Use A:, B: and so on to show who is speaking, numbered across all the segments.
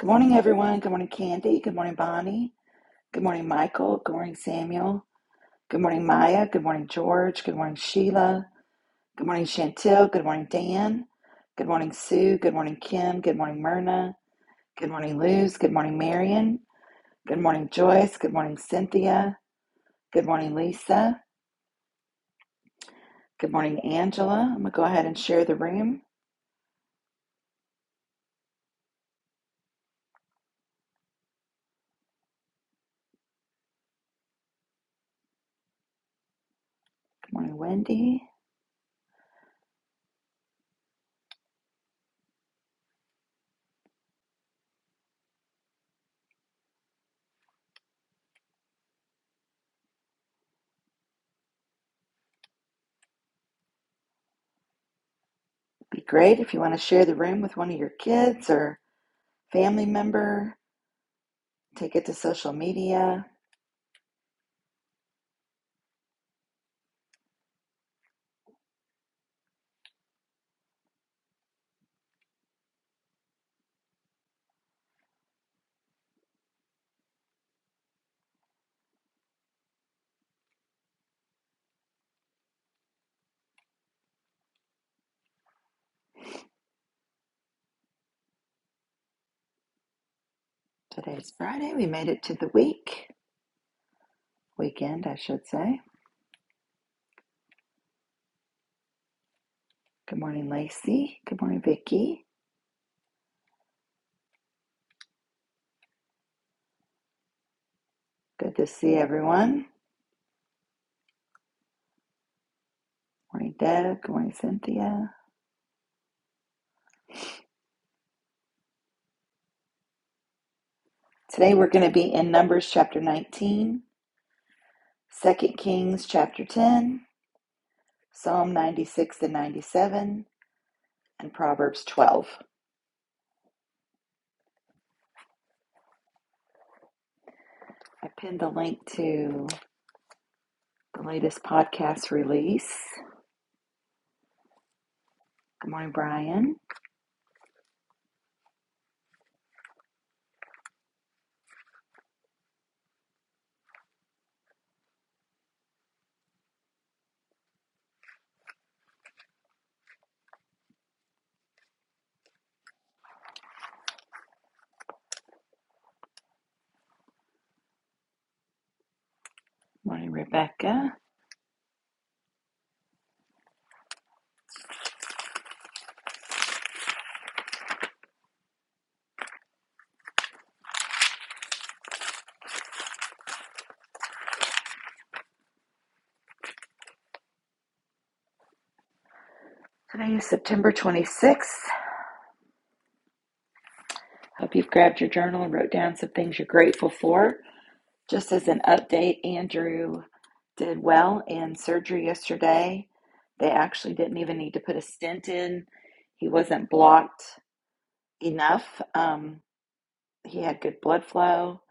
A: Good morning, everyone. Good morning, Candy. Good morning, Bonnie. Good morning, Michael. Good morning, Samuel. Good morning, Maya. Good morning, George. Good morning, Sheila. Good morning, Chantel. Good morning, Dan. Good morning, Sue. Good morning, Kim. Good morning, Myrna. Good morning, Luz. Good morning, Marion. Good morning, Joyce. Good morning, Cynthia. Good morning, Lisa. Good morning, Angela. I'm going to go ahead and share the room. Good morning, Wendy. Be great if you want to share the room with one of your kids or family member. Take it to social media Today's Friday. We made it to the week, weekend, I should say. Good morning, Lacey. Good morning, Vicky. Good to see everyone. Good Morning, Deb. Good morning, Cynthia. Today we're going to be in Numbers chapter 19, Second Kings chapter 10, Psalm 96 and 97, and Proverbs 12. I pinned the link to the latest podcast release. Good morning, Brian. Good morning, Rebecca. Today is September 26th. Hope you've grabbed your journal and wrote down some things you're grateful for. Just as an update, Andrew did well in surgery yesterday. They actually didn't even need to put a stent in, he wasn't blocked enough. Um, he had good blood flow.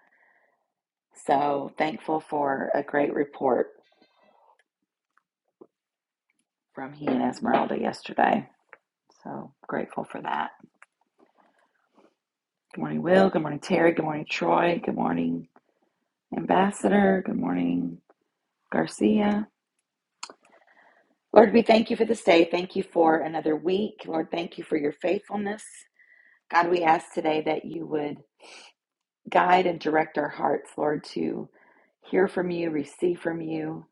A: So thankful for a great report from he and Esmeralda yesterday. So grateful for that. Good morning, Will. Good morning, Terry. Good morning, Troy. Good morning, Ambassador. Good morning, Garcia. Lord, we thank you for this day. Thank you for another week. Lord, thank you for your faithfulness. God, we ask today that you would guide and direct our hearts, Lord, to hear from you, receive from you.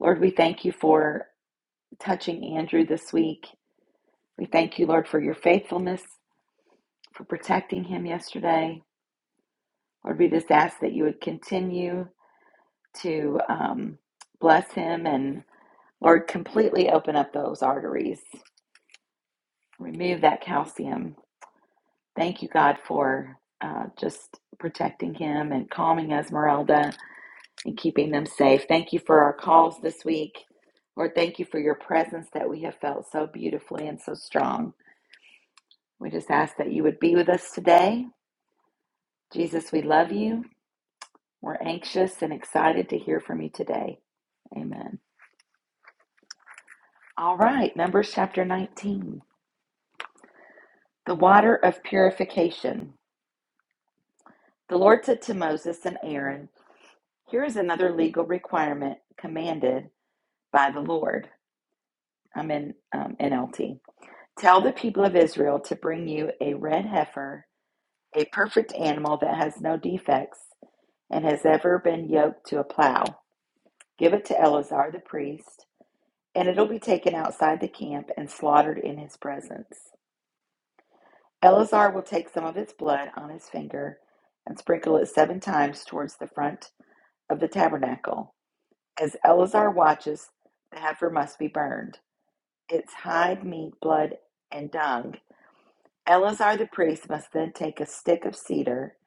A: Lord, we thank you for touching Andrew this week. We thank you, Lord, for your faithfulness, for protecting him yesterday. Lord, we just ask that you would continue to um, bless him and, Lord, completely open up those arteries, remove that calcium. Thank you, God, for uh, just protecting him and calming Esmeralda and keeping them safe. Thank you for our calls this week. Lord, thank you for your presence that we have felt so beautifully and so strong. We just ask that you would be with us today. Jesus, we love you. We're anxious and excited to hear from you today. Amen. All right, Numbers chapter 19, the water of purification. The Lord said to Moses and Aaron, Here is another legal requirement commanded by the Lord. I'm in um, NLT. Tell the people of Israel to bring you a red heifer, a perfect animal that has no defects and has ever been yoked to a plow. Give it to Eleazar the priest, and it'll be taken outside the camp and slaughtered in his presence. Eleazar will take some of its blood on his finger and sprinkle it seven times towards the front of the tabernacle. As Eleazar watches, the heifer must be burned. Its hide, meat, blood, and dung Eleazar the priest must then take a stick of cedar,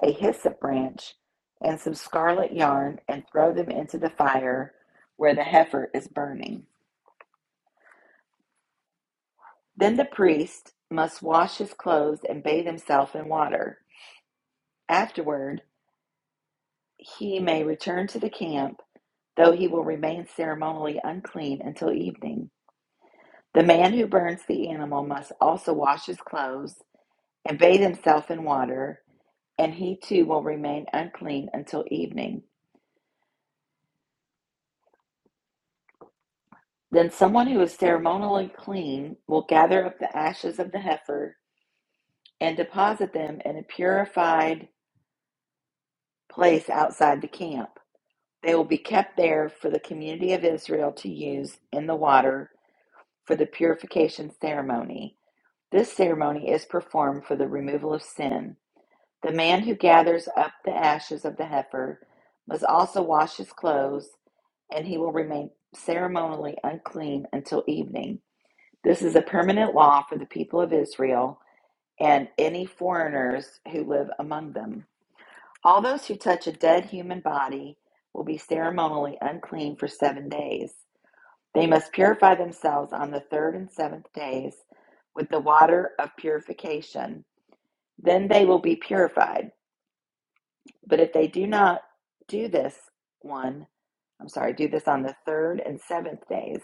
A: a hyssop branch, and some scarlet yarn and throw them into the fire where the heifer is burning. Then the priest must wash his clothes and bathe himself in water. Afterward, he may return to the camp, though he will remain ceremonially unclean until evening. The man who burns the animal must also wash his clothes and bathe himself in water, and he too will remain unclean until evening. Then someone who is ceremonially clean will gather up the ashes of the heifer and deposit them in a purified place outside the camp. They will be kept there for the community of Israel to use in the water for the purification ceremony. This ceremony is performed for the removal of sin. The man who gathers up the ashes of the heifer must also wash his clothes, and he will remain ceremonially unclean until evening. This is a permanent law for the people of Israel and any foreigners who live among them. All those who touch a dead human body will be ceremonially unclean for seven days. They must purify themselves on the third and seventh days with the water of purification. Then they will be purified. But if they do not do this one, I'm sorry, do this on the third and seventh days,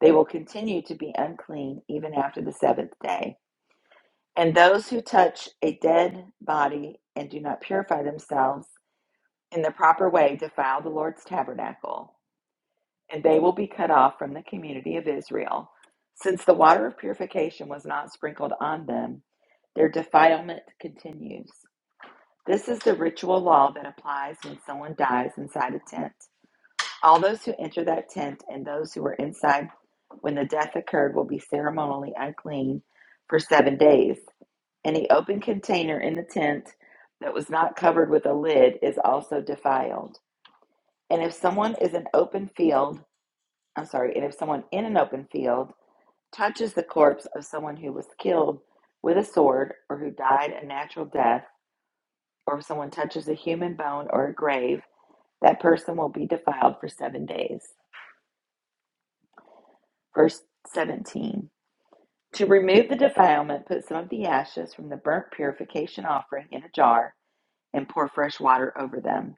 A: they will continue to be unclean even after the seventh day. And those who touch a dead body and do not purify themselves in the proper way defile the Lord's tabernacle, and they will be cut off from the community of Israel. Since the water of purification was not sprinkled on them, their defilement continues. This is the ritual law that applies when someone dies inside a tent. All those who enter that tent and those who were inside when the death occurred will be ceremonially unclean for seven days. Any open container in the tent that was not covered with a lid is also defiled. And if someone is an open field, I'm sorry, and if someone in an open field touches the corpse of someone who was killed with a sword or who died a natural death, or if someone touches a human bone or a grave, that person will be defiled for seven days. Verse 17. To remove the defilement, put some of the ashes from the burnt purification offering in a jar and pour fresh water over them.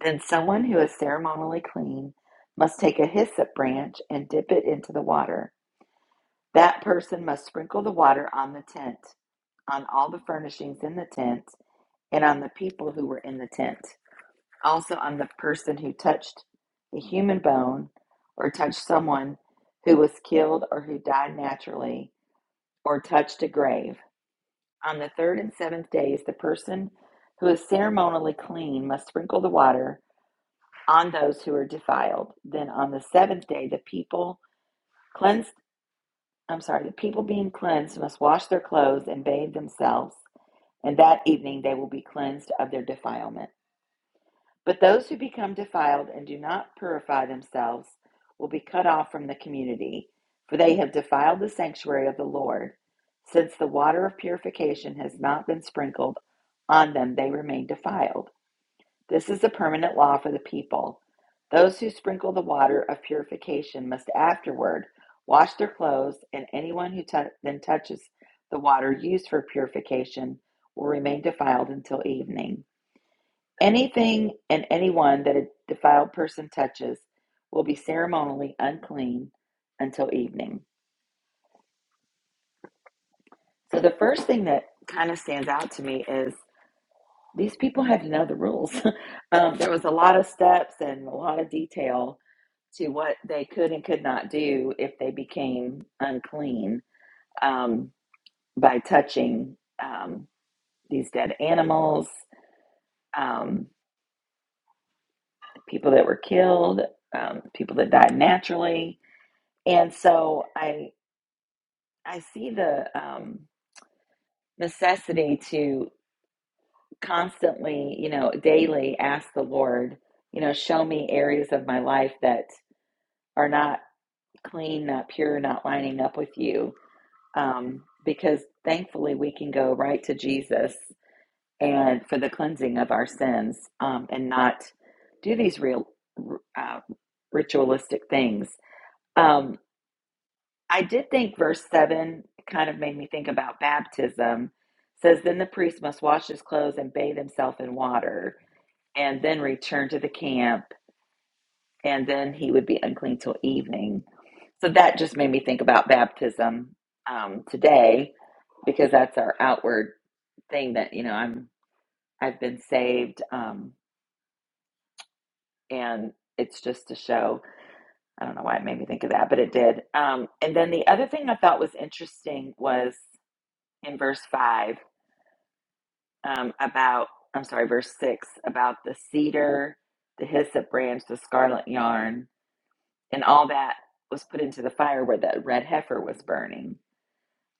A: Then someone who is ceremonially clean must take a hyssop branch and dip it into the water. That person must sprinkle the water on the tent, on all the furnishings in the tent, and on the people who were in the tent. Also, on the person who touched a human bone or touched someone who was killed or who died naturally or touched a grave. On the third and seventh days, the person who is ceremonially clean must sprinkle the water on those who are defiled. Then on the seventh day, the people cleansed, I'm sorry, the people being cleansed must wash their clothes and bathe themselves, and that evening they will be cleansed of their defilement. But those who become defiled and do not purify themselves will be cut off from the community, for they have defiled the sanctuary of the Lord. Since the water of purification has not been sprinkled on them, they remain defiled. This is a permanent law for the people. Those who sprinkle the water of purification must afterward wash their clothes, and anyone who tou- then touches the water used for purification will remain defiled until evening. Anything and anyone that a defiled person touches will be ceremonially unclean until evening. So, the first thing that kind of stands out to me is these people had to know the rules. um, there was a lot of steps and a lot of detail to what they could and could not do if they became unclean um, by touching um, these dead animals, um, people that were killed, um, people that died naturally. And so I I see the um, necessity to constantly, you know, daily ask the Lord, you know, show me areas of my life that are not clean, not pure, not lining up with you. Um, because thankfully, we can go right to Jesus and for the cleansing of our sins um, and not do these real uh, ritualistic things. Um, I did think verse 7 kind of made me think about baptism. It says, Then the priest must wash his clothes and bathe himself in water and then return to the camp and then he would be unclean till evening. So that just made me think about baptism um, today because that's our outward thing that you know I'm I've been saved um, and it's just to show. I don't know why it made me think of that, but it did. Um, and then the other thing I thought was interesting was in verse five um, about I'm sorry, verse six about the cedar, the hyssop branch, the scarlet yarn, and all that was put into the fire where that red heifer was burning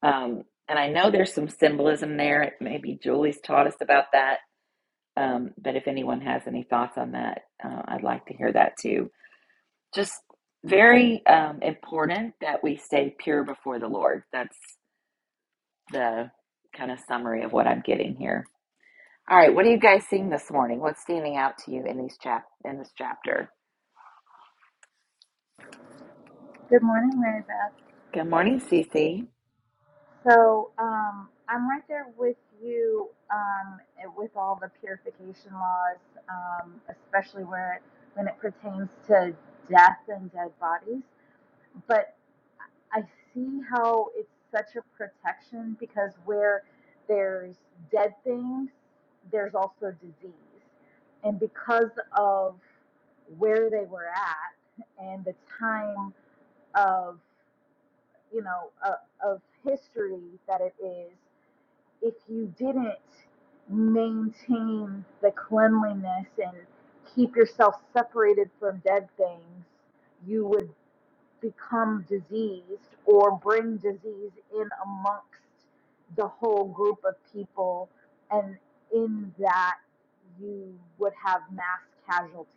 A: Um, and I know there's some symbolism there. Maybe Julie's taught us about that. Um, but if anyone has any thoughts on that, uh, I'd like to hear that too. Just very um, important that we stay pure before the Lord. That's the kind of summary of what I'm getting here. All right, what are you guys seeing this morning? What's standing out to you in these chap in this chapter?
B: Good morning, Mary Beth.
A: Good morning, Cece.
B: So um, I'm right there with you um, with all the purification laws, um, especially where when it pertains to death and dead bodies. But I see how it's such a protection because where there's dead things, there's also disease, and because of where they were at and the time of. you know, uh, of history that it is if you didn't maintain the cleanliness and keep yourself separated from dead things, you would become diseased or bring disease in amongst the whole group of people. And in that, you would have mass casualties.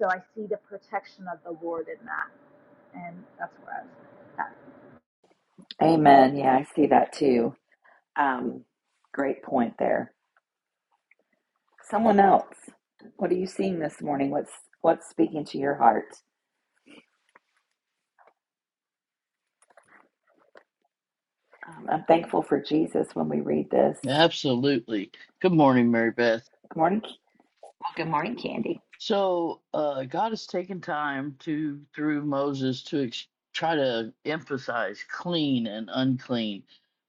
B: So I see the protection of the Lord in that. And that's where I was. at.
A: Amen. Yeah, I see that too. Um, great point there. Someone else, what are you seeing this morning? What's what's speaking to your heart? Um, I'm thankful for Jesus when we read this.
C: Absolutely. Good morning, Mary Beth.
A: Good morning. Ca- Well, good morning, Candy.
C: So uh, God has taken time to, through Moses, to ex- try to emphasize clean and unclean,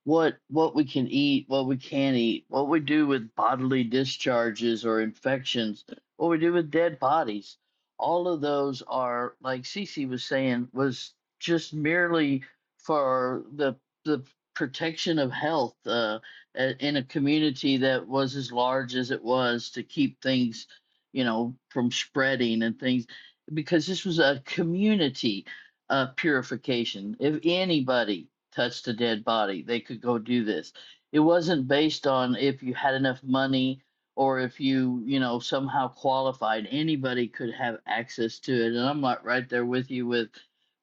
C: what what we can eat, what we can't eat, what we do with bodily discharges or infections, what we do with dead bodies. All of those are, like Cece was saying, was just merely for the the protection of health uh, a- in a community that was as large as it was to keep things you know, from spreading and things, because this was a community uh, purification. If anybody touched a dead body, they could go do this. It wasn't based on if you had enough money or if you, you know, somehow qualified. Anybody could have access to it. And I'm not right there with you with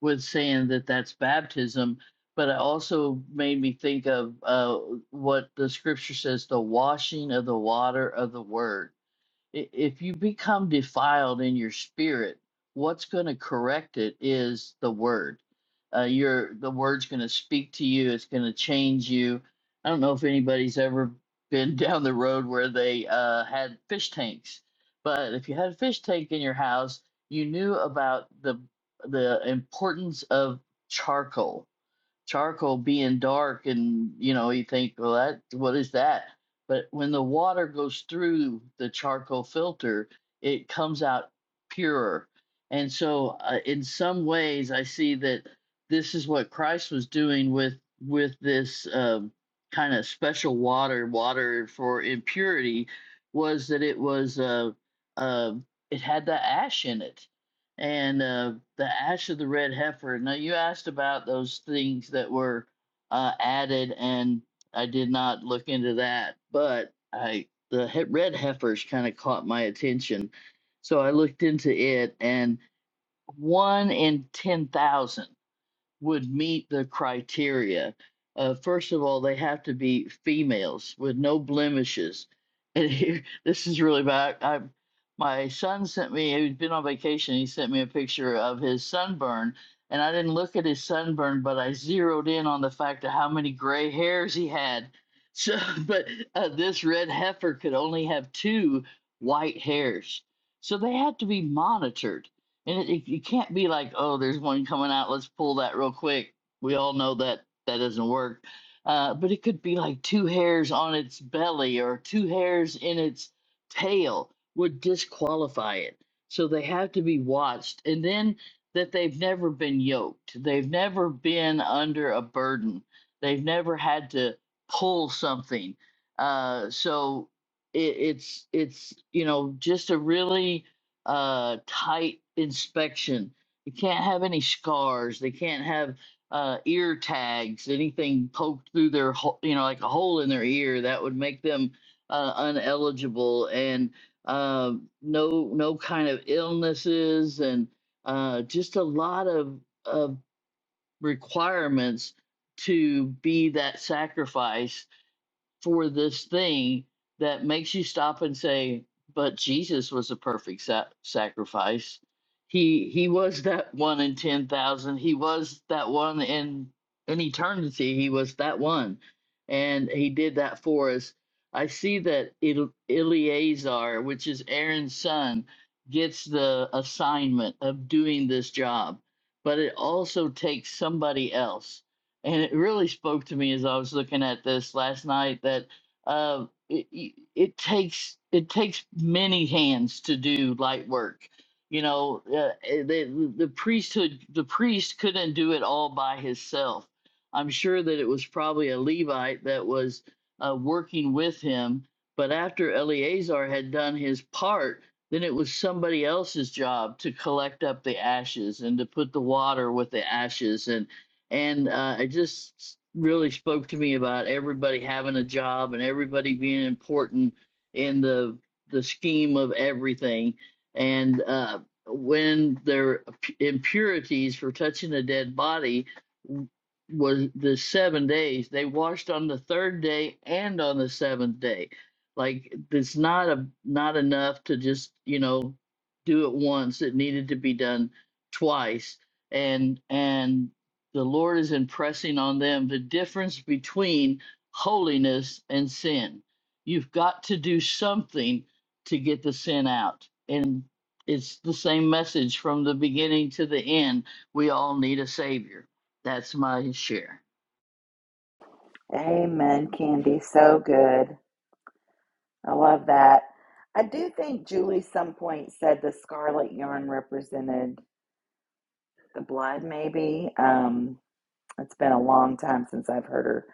C: with saying that that's baptism. But it also made me think of uh, what the scripture says the washing of the water of the word i- if you become defiled in your spirit what's going to correct it is the word uh, your the word's going to speak to you it's going to change you i don't know if anybody's ever been down the road where they uh, had fish tanks but if you had a fish tank in your house you knew about the the importance of charcoal charcoal being dark and you know you think well that what is that but when the water goes through the charcoal filter it comes out purer and so uh, in some ways i see that this is what christ was doing with with this um, kind of special water water for impurity was that it was uh, uh, it had the ash in it and uh, the ash of the red heifer. Now, you asked about those things that were uh, added, and I did not look into that, but I the he- red heifers kind of caught my attention, so I looked into it, and one in ten thousand would meet the criteria. Uh, first of all, they have to be females with no blemishes. And here, this is really bad. I, my son sent me, he'd been on vacation, he sent me a picture of his sunburn. And I didn't look at his sunburn, but I zeroed in on the fact of how many gray hairs he had. So, but uh, this red heifer could only have two white hairs. So they had to be monitored and it, it, you can't be like, oh, there's one coming out. Let's pull that real quick. We all know that that doesn't work. Uh, but it could be like two hairs on its belly or two hairs in its tail would disqualify it. So they have to be watched. And then that they've never been yoked, they've never been under a burden, they've never had to pull something. Uh, so it, it's it's you know just a really uh, tight inspection. They can't have any scars. They can't have uh, ear tags, anything poked through their, ho- you know, like a hole in their ear that would make them uh, uneligible. And um no, no kind of illnesses, and uh, just a lot of of requirements to be that sacrifice for this thing that makes you stop and say, "But Jesus was a perfect sa- sacrifice. He he was that one in ten thousand. He was that one in in eternity. He was that one, and he did that for us." I see that El- Eleazar, which is Aaron's son, gets the assignment of doing this job, but it also takes somebody else and it really spoke to me as I was looking at this last night that uh, it, it takes it takes many hands to do light work. You know, uh, eh, the, the priesthood the priest couldn't do it all by himself. I'm sure that it was probably a Levite that was uh, working with him, but after Eleazar had done his part, then it was somebody else's job to collect up the ashes and to put the water with the ashes and and uh, it just really spoke to me about everybody having a job and everybody being important in the the scheme of everything and uh, when their impurities for touching a dead body was the seven days they washed on the third day and on the seventh day like it's not a not enough to just you know do it once it needed to be done twice and and the Lord is impressing on them the difference between holiness and sin. You've got to do something to get the sin out. And it's the same message from the beginning to the end. We all need a Savior. That's my share.
A: Amen, Candy. So good. I love that. I do think Julie some point said the scarlet yarn represented the blood, maybe. Um, it's been a long time since I've heard her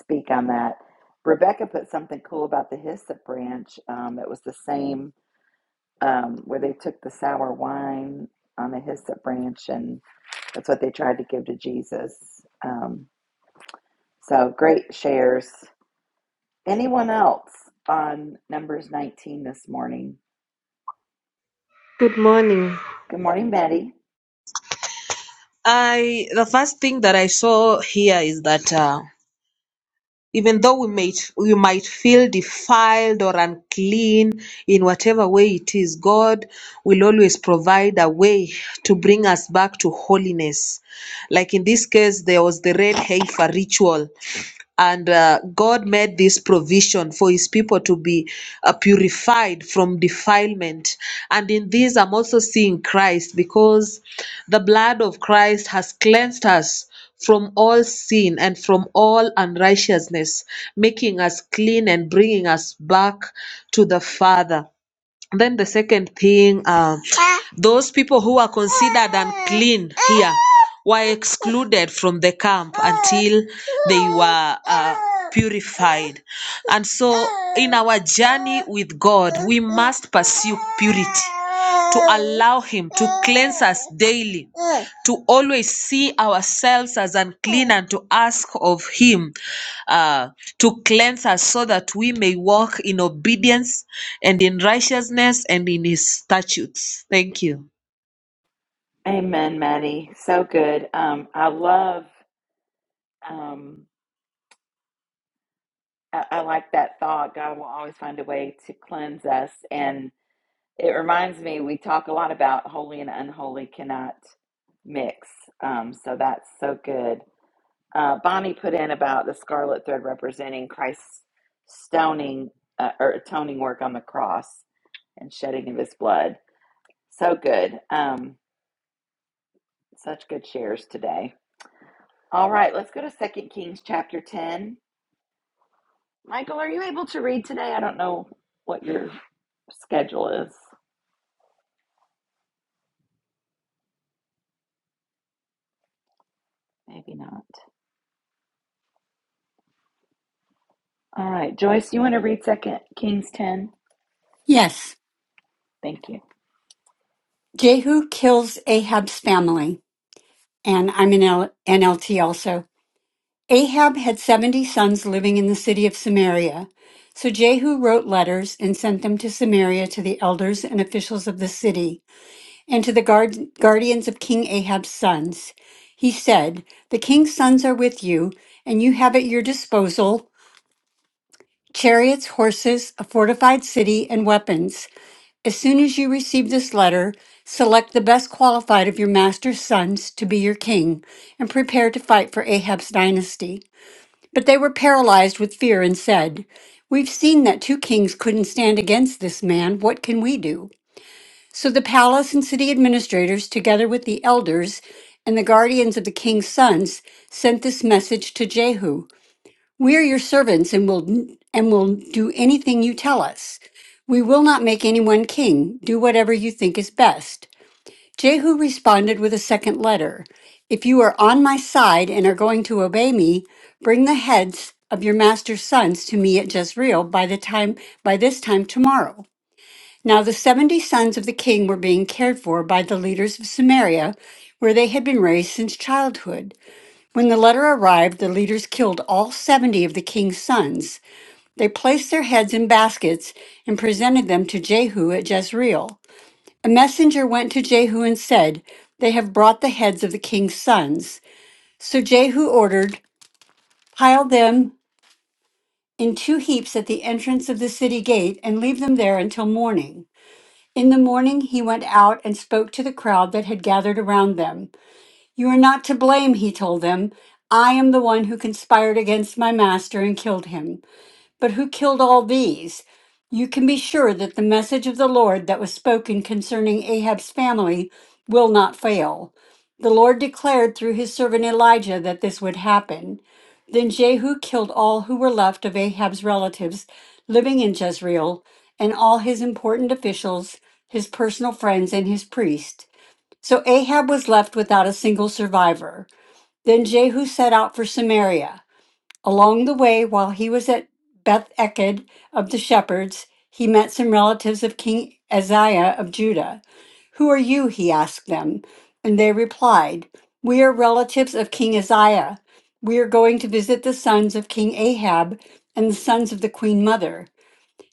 A: speak on that. Rebecca put something cool about the hyssop branch um, that was the same um, where they took the sour wine on a hyssop branch, and that's what they tried to give to Jesus. Um, so great shares. Anyone else on Numbers 19 this morning?
D: Good morning.
A: Good morning, Maddie.
D: I the first thing that I saw here is that uh, even though we might we might feel defiled or unclean in whatever way it is, God will always provide a way to bring us back to holiness. Like in this case, there was the red heifer ritual and uh, God made this provision for his people to be uh, purified from defilement. And in this, I'm also seeing Christ because the blood of Christ has cleansed us from all sin and from all unrighteousness, making us clean and bringing us back to the Father. Then the second thing, uh, those people who are considered unclean here were excluded from the camp until they were uh, purified. And so, in our journey with God, we must pursue purity to allow Him to cleanse us daily, to always see ourselves as unclean, and to ask of Him uh, to cleanse us so that we may walk in obedience and in righteousness and in his statutes. Thank you.
A: Amen, Maddie. So good. Um, I love, um, I, I like that thought. God will always find a way to cleanse us. And it reminds me, we talk a lot about holy and unholy cannot mix. Um, so that's so good. Uh, Bonnie put in about the scarlet thread representing Christ's stoning uh, or atoning work on the cross and shedding of his blood. So good. Um, such good shares today. All right, let's go to Second Kings chapter 10. Michael, are you able to read today? I don't know what your schedule is. Maybe not. All right, Joyce, you want to read Second Kings 10?
E: Yes.
A: Thank you.
E: Jehu kills Ahab's family, and I'm in L- NLT also. Ahab had 70 sons living in the city of Samaria. So Jehu wrote letters and sent them to Samaria to the elders and officials of the city and to the guard- guardians of King Ahab's sons. He said, The king's sons are with you, and you have at your disposal chariots, horses, a fortified city, and weapons. As soon as you receive this letter, select the best qualified of your master's sons to be your king and prepare to fight for Ahab's dynasty. But they were paralyzed with fear and said, We've seen that two kings couldn't stand against this man. What can we do? So the palace and city administrators, together with the elders and the guardians of the king's sons, sent this message to Jehu. We're your servants and will and will do anything you tell us. We will not make anyone king. Do whatever you think is best. Jehu responded with a second letter. If you are on my side and are going to obey me, bring the heads of your master's sons to me at Jezreel by the time by this time tomorrow. Now the 70 sons of the king were being cared for by the leaders of Samaria, where they had been raised since childhood. When the letter arrived, the leaders killed all 70 of the king's sons. They placed their heads in baskets and presented them to Jehu at Jezreel. A messenger went to Jehu and said, They have brought the heads of the king's sons. So Jehu ordered, Pile them in two heaps at the entrance of the city gate and leave them there until morning. In the morning, he went out and spoke to the crowd that had gathered around them. You are not to blame, he told them. I am the one who conspired against my master and killed him. But who killed all these? You can be sure that the message of the Lord that was spoken concerning Ahab's family will not fail. The Lord declared through his servant Elijah that this would happen. Then Jehu killed all who were left of Ahab's relatives living in Jezreel, and all his important officials, his personal friends, and his priests. So Ahab was left without a single survivor. Then Jehu set out for Samaria. Along the way, while he was at Beth Eked of the shepherds, he met some relatives of King Uzziah of Judah. Who are you? he asked them. And they replied, We are relatives of King Uzziah. We are going to visit the sons of King Ahab and the sons of the queen mother.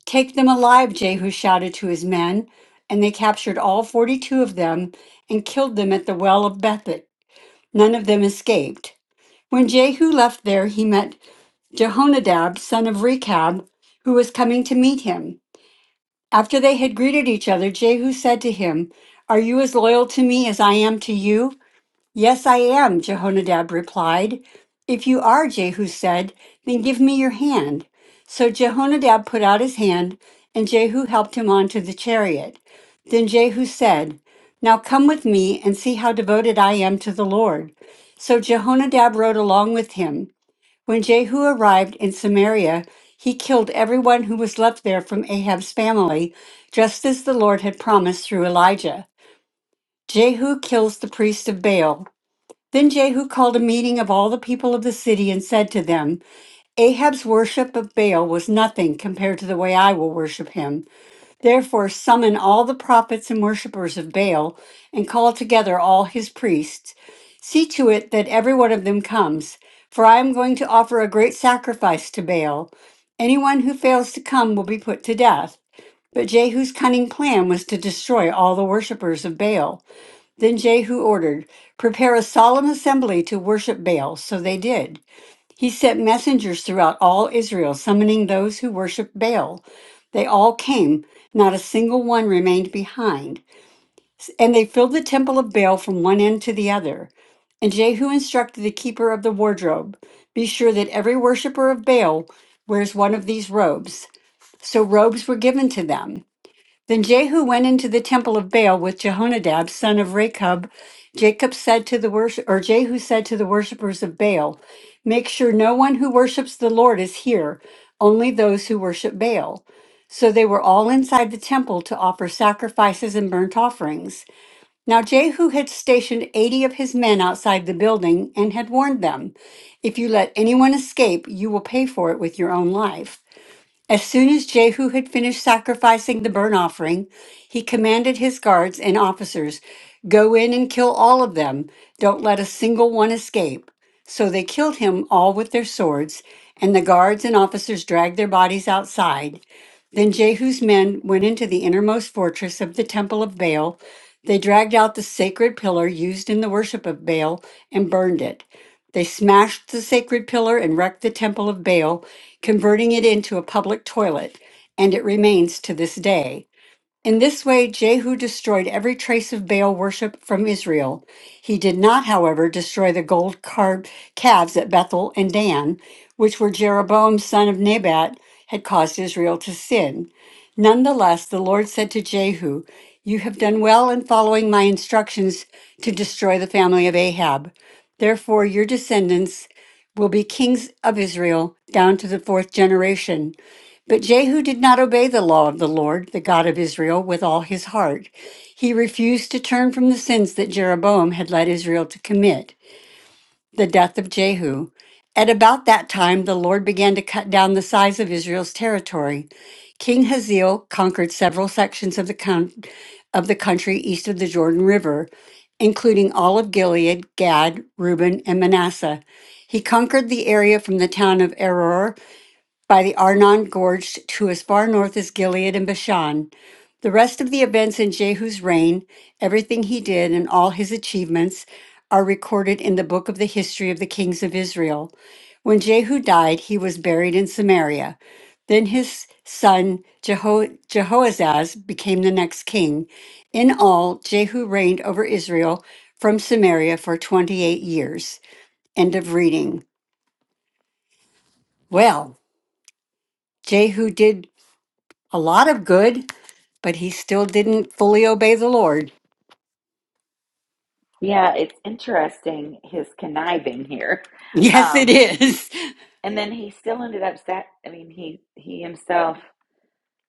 E: Take them alive, Jehu shouted to his men, and they captured all 42 of them and killed them at the well of Bethet. None of them escaped. When Jehu left there, he met Jehonadab, son of Rechab, who was coming to meet him. After they had greeted each other, Jehu said to him, Are you as loyal to me as I am to you? Yes, I am, Jehonadab replied. If you are, Jehu said, then give me your hand. So Jehonadab put out his hand, and Jehu helped him onto the chariot. Then Jehu said, Now come with me and see how devoted I am to the Lord. So Jehonadab rode along with him. When Jehu arrived in Samaria, he killed everyone who was left there from Ahab's family, just as the Lord had promised through Elijah. Jehu kills the priest of Baal. Then Jehu called a meeting of all the people of the city and said to them, Ahab's worship of Baal was nothing compared to the way I will worship him. Therefore, summon all the prophets and worshippers of Baal and call together all his priests. See to it that every one of them comes, for I am going to offer a great sacrifice to Baal. Anyone who fails to come will be put to death. But Jehu's cunning plan was to destroy all the worshippers of Baal. Then Jehu ordered, Prepare a solemn assembly to worship Baal. So they did. He sent messengers throughout all Israel, summoning those who worshiped Baal. They all came, not a single one remained behind. And they filled the temple of Baal from one end to the other. And Jehu instructed the keeper of the wardrobe Be sure that every worshiper of Baal wears one of these robes. So robes were given to them. Then Jehu went into the temple of Baal with Jehonadab, son of Rechab. Jacob said to the worship, or Jehu said to the worshippers of Baal, "Make sure no one who worships the Lord is here; only those who worship Baal." So they were all inside the temple to offer sacrifices and burnt offerings. Now Jehu had stationed eighty of his men outside the building and had warned them, "If you let anyone escape, you will pay for it with your own life." As soon as Jehu had finished sacrificing the burnt offering, he commanded his guards and officers, Go in and kill all of them. Don't let a single one escape. So they killed him all with their swords, and the guards and officers dragged their bodies outside. Then Jehu's men went into the innermost fortress of the temple of Baal. They dragged out the sacred pillar used in the worship of Baal and burned it. They smashed the sacred pillar and wrecked the temple of Baal, converting it into a public toilet, and it remains to this day. In this way, Jehu destroyed every trace of Baal worship from Israel. He did not, however, destroy the gold carved calves at Bethel and Dan, which were Jeroboam son of Nebat had caused Israel to sin. Nonetheless, the Lord said to Jehu, You have done well in following my instructions to destroy the family of Ahab. Therefore, your descendants will be kings of Israel down to the fourth generation. But Jehu did not obey the law of the Lord, the God of Israel, with all his heart. He refused to turn from the sins that Jeroboam had led Israel to commit, the death of Jehu. At about that time, the Lord began to cut down the size of Israel's territory. King Hazael conquered several sections of the, coun- of the country east of the Jordan River, including all of Gilead, Gad, Reuben, and Manasseh. He conquered the area from the town of Eror by the Arnon Gorge to as far north as Gilead and Bashan. The rest of the events in Jehu's reign, everything he did, and all his achievements are recorded in the book of the history of the kings of Israel. When Jehu died, he was buried in Samaria. Then his son Jeho- Jehoazaz became the next king. In all, Jehu reigned over Israel from Samaria for 28 years. End of reading. Well, Jehu did a lot of good but he still didn't fully obey the Lord.
A: Yeah, it's interesting his conniving here.
E: Yes, it
A: Um,
E: is.
A: And then he still ended up sac I mean, he he himself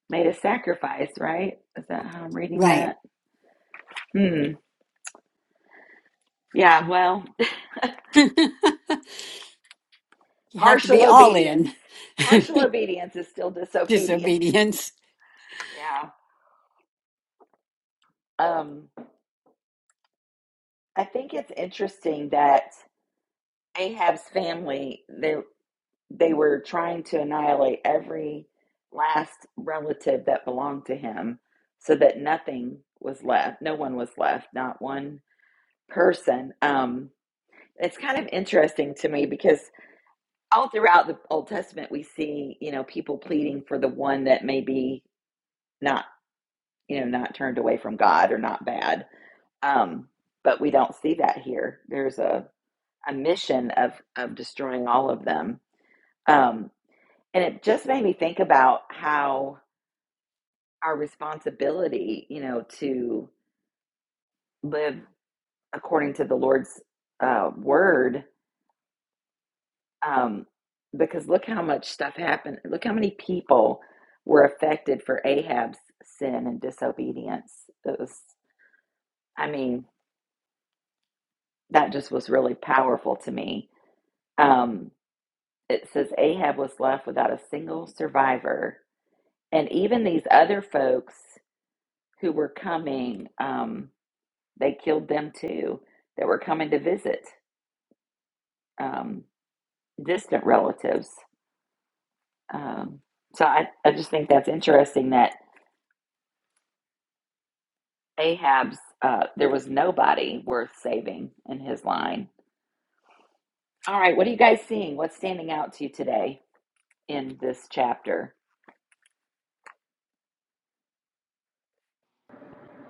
A: made a sacrifice, right? Is that how I'm reading
E: Right.
A: that? Hmm. Yeah, well,
E: you have to be
A: partial
E: all
A: obedience.
E: in
A: Partial obedience is still disobedience.
E: disobedience.
A: Yeah. Um, I think it's interesting that Ahab's family they they were trying to annihilate every last relative that belonged to him so that nothing was left. No one was left, not one person. Um It's kind of interesting to me because all throughout the Old Testament we see, you know, people pleading for the one that may be not, you know, not turned away from God or not bad. Um, but we don't see that here. There's a, a mission of of destroying all of them. Um, and it just made me think about how our responsibility, you know, to live according to the Lord's uh, word um, because look how much stuff happened. Look how many people were affected for Ahab's sin and disobedience. It was, I mean, that just was really powerful to me. Um, it says Ahab was left without a single survivor, and even these other folks who were coming, um, they killed them too. That were coming to visit um, distant relatives. Um, so I, I just think that's interesting that Ahab's, uh, there was nobody worth saving in his line. All right, what are you guys seeing? What's standing out to you today in this chapter?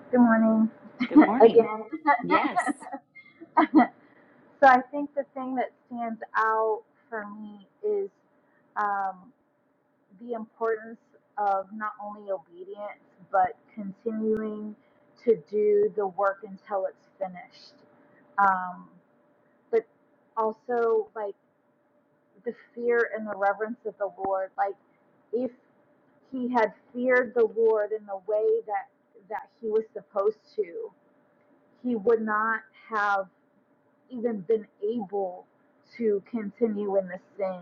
B: Good morning
A: Good morning.
B: again.
A: Yes.
B: so I think the thing that stands out for me is um, the importance of not only obedience but continuing to do the work until it's finished. Um, but also like the fear and the reverence of the Lord. Like if he had feared the Lord in the way that that he was supposed to, he would not have even been able to continue in the sin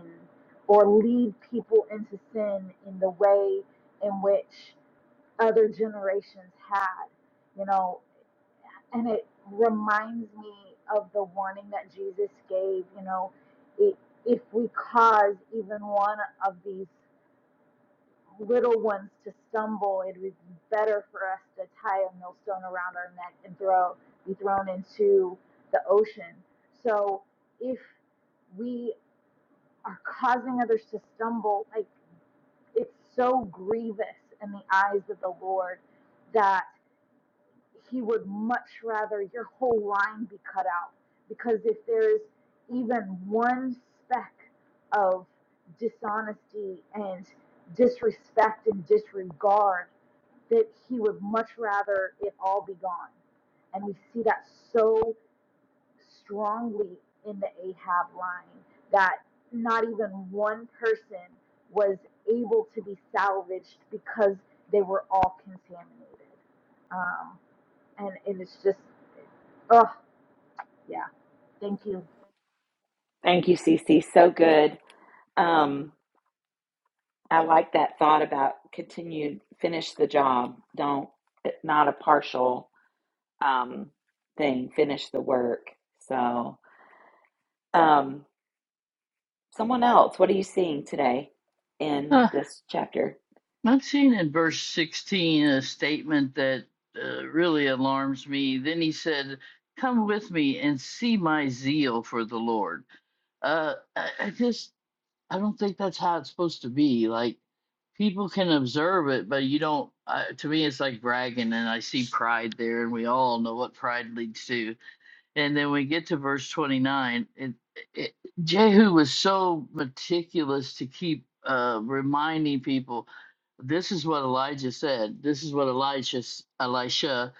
B: or lead people into sin in the way in which other generations had, you know. And it reminds me of the warning that Jesus gave, you know, i- if we cause even one of these little ones to stumble, it would be better for us to tie a millstone around our neck and throw be thrown into the ocean. So if we are causing others to stumble, like it's so grievous in the eyes of the Lord that He would much rather your whole line be cut out. Because if there's even one speck of dishonesty and disrespect and disregard that he would much rather it all be gone. And we see that so strongly in the Ahab line that not even one person was able to be salvaged because they were all contaminated. Um, and, and it's just, oh, yeah, thank you.
A: Thank you, Cece. So good. Um, I like that thought about continued, finish the job. Don't, not a partial um, thing, finish the work. So, um, someone else, what are you seeing today in
C: Uh,
A: this chapter?
C: I'm seeing in verse 16 a statement that uh, really alarms me. Then he said, Come with me and see my zeal for the Lord uh, I, I just I don't think that's how it's supposed to be. Like people can observe it, but you don't. Uh, to me, it's like bragging, and I see pride there, and we all know what pride leads to. And then we get to verse 29. It, it, Jehu was so meticulous to keep uh, reminding people this is what Elijah said. This is what Elisha, s- Elisha,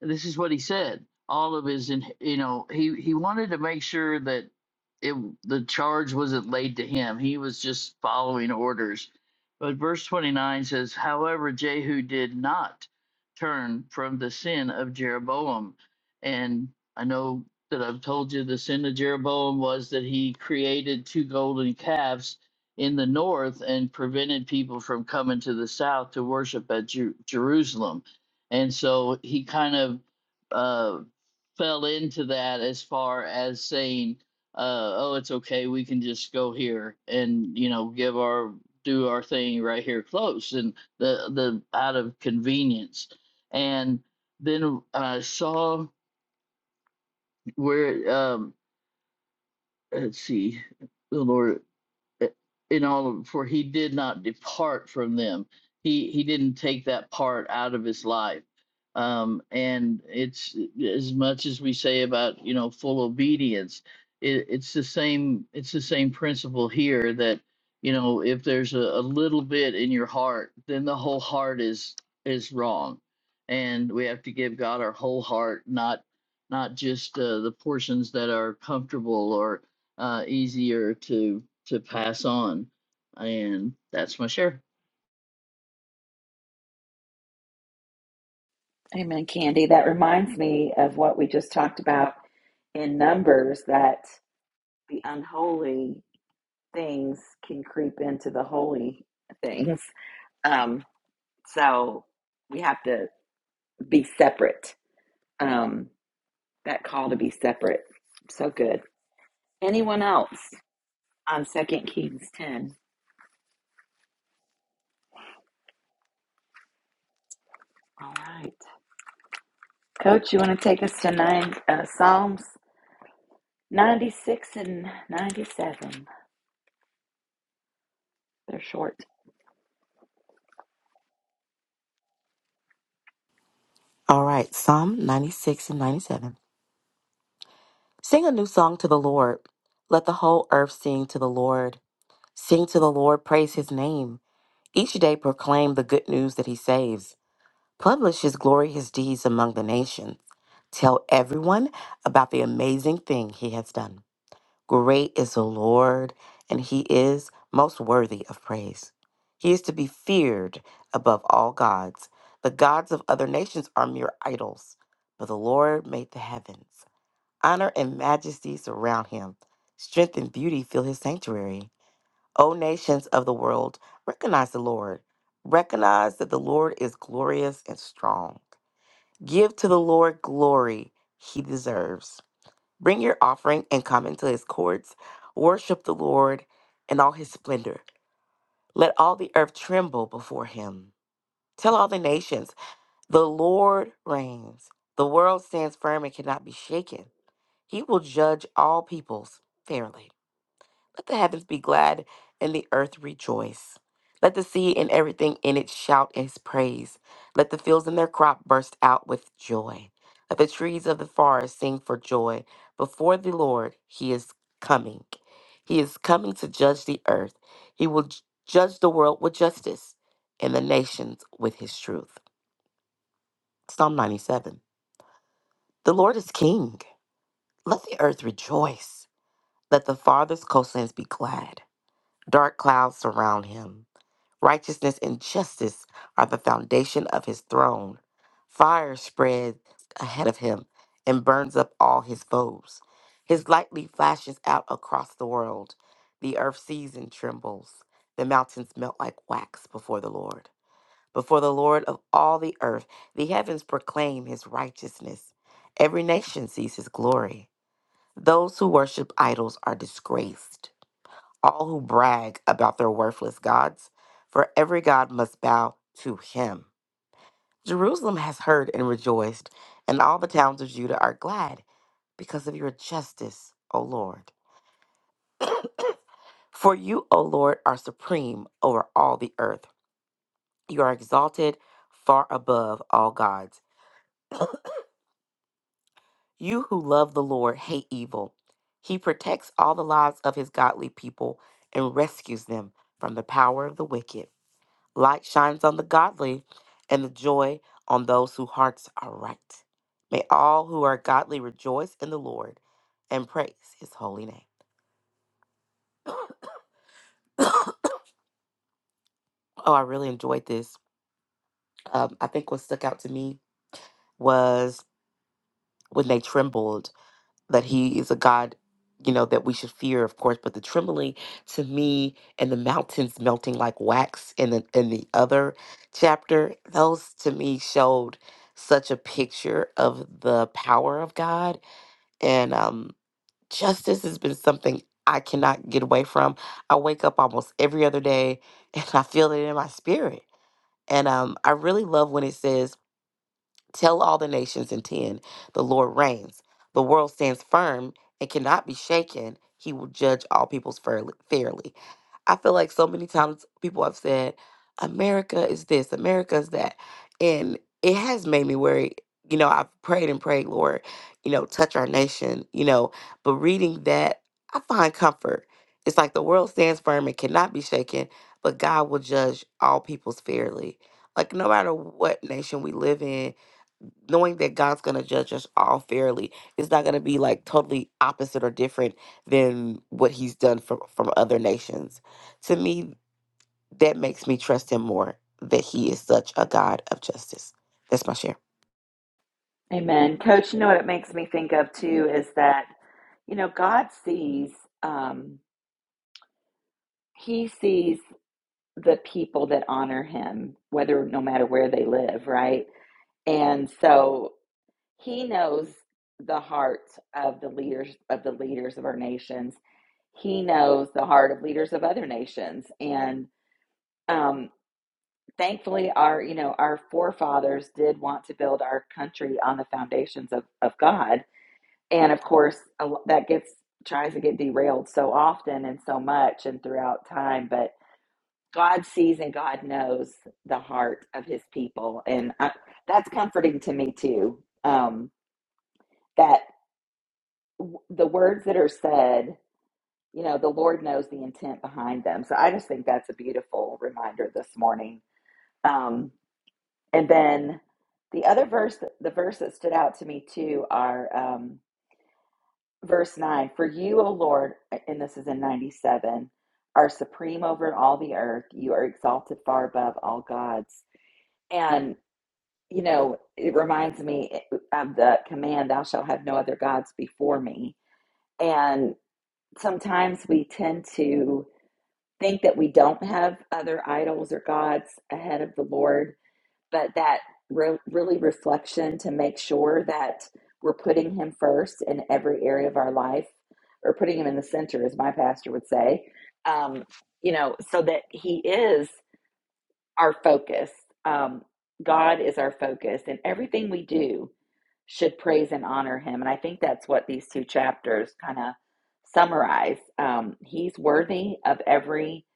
C: this is what he said. All of his, in- you know, he, he wanted to make sure that it, the charge wasn't laid to him. He was just following orders. But verse 29 says, however, Jehu did not turn from the sin of Jeroboam. And I know that I've told you the sin of Jeroboam was that he created two golden calves in the north and prevented people from coming to the south to worship at Ju- Jerusalem. And so he kind of uh, fell into that as far as saying, uh, oh, it's okay, we can just go here and, you know, give our do our thing right here close and the the out of convenience and then uh, Saul we're um let's see, Lenore in all of them, for he did not depart from them he he didn't take that part out of his life um and it's as much as we say about you know full obedience it, it's the same it's the same principle here that you know if there's a, a little bit in your heart then the whole heart is is wrong and we have to give god our whole heart not not just uh, the portions that are comfortable or uh, easier to to pass on. And that's my share.
A: Amen, Candy. That reminds me of what we just talked about in Numbers that the unholy things can creep into the holy things. Um, so we have to be separate. Um, that call to be separate. So good. Anyone else on Second Kings 10? All right. Coach, you want to take us to nine, uh, Psalms 96 and 97? They're short.
F: All right, Psalm 96 and 97. Sing a new song to the Lord. Let the whole earth sing to the Lord. Sing to the Lord, praise his name. Each day proclaim the good news that he saves. Publish his glory, his deeds among the nations. Tell everyone about the amazing thing he has done. Great is the Lord, and he is most worthy of praise. He is to be feared above all gods. The gods of other nations are mere idols, but the Lord made the heavens. Honor and majesty surround him, strength and beauty fill his sanctuary. O nations of the world, recognize the Lord. Recognize that the Lord is glorious and strong. Give to the Lord glory he deserves. Bring your offering and come into his courts. Worship the Lord in all his splendor. Let all the earth tremble before him. Tell all the nations, the Lord reigns. The world stands firm and cannot be shaken. He will judge all peoples fairly. Let the heavens be glad and the earth rejoice. Let the sea and everything in it shout his praise. Let the fields and their crop burst out with joy. Let the trees of the forest sing for joy. Before the Lord, he is coming. He is coming to judge the earth. He will j- judge the world with justice and the nations with his truth. Psalm 97. The Lord is king. Let the earth rejoice. Let the farthest coastlands be glad. Dark clouds surround him. Righteousness and justice are the foundation of his throne. Fire spreads ahead of him and burns up all his foes. His lightning flashes out across the world. The earth sees and trembles. The mountains melt like wax before the Lord. Before the Lord of all the earth, the heavens proclaim his righteousness. Every nation sees his glory. Those who worship idols are disgraced all who brag about their worthless gods, for every god must bow to him. Jerusalem has heard and rejoiced, and all the towns of Judah are glad because of your justice, O Lord. For you, O Lord, are supreme over all the earth. You are exalted far above all gods. You who love the Lord hate evil. He protects all the lives of his godly people and rescues them from the power of the wicked. Light shines on the godly, and the joy on those whose hearts are right. May all who are godly rejoice in the Lord and praise his holy name. Oh, I really enjoyed this. Um, I think what stuck out to me was when they trembled that he is a God, you know, that we should fear, of course. But the trembling to me and the mountains melting like wax in the in the other chapter, those to me showed such a picture of the power of God and um, justice has been something I cannot get away from. I wake up almost every other day, and I feel it in my spirit. And um, I really love when it says, "Tell all the nations and ten, the Lord reigns. The world stands firm and cannot be shaken. He will judge all peoples fairly." fairly." I feel like so many times people have said, America is this, America is that. And it has made me worry. You know, I've prayed and prayed, Lord, you know, touch our nation, you know, but reading that, I find comfort. It's like the world stands firm and cannot be shaken, but God will judge all peoples fairly. Like, no matter what nation we live in, knowing that God's going to judge us all fairly. It's not going to be like totally opposite or different than what he's done from from other nations. To me, that makes me trust him more that he is such a God of justice. That's my share.
A: Amen. Coach, you know what it makes me think of too is that, you know, God sees, um, He sees the people that honor Him, whether no matter where they live, right? And so He knows the hearts of the leaders of the leaders of our nations. He knows the heart of leaders of other nations. And um, thankfully our, you know, our forefathers did want to build our country on the foundations of, of God and of course that gets tries to get derailed so often and so much and throughout time but god sees and god knows the heart of his people and I, that's comforting to me too um, that w- the words that are said you know the lord knows the intent behind them so i just think that's a beautiful reminder this morning um, and then the other verse the verse that stood out to me too are um, Verse 9 For you, O Lord, and this is in 97, are supreme over all the earth. You are exalted far above all gods. And, you know, it reminds me eh, of the command, Thou shalt have no other gods before me. And sometimes we tend to think that we don't have other idols or gods ahead of the Lord but that re- really reflection to make sure that we're putting him first in every area of our life or putting him in the center as my pastor would say um, you know so that he is our focus. Um, God is our focus, and everything we do should praise and honor Him. And I think that's what these two chapters kind of summarize. Um, he's worthy of every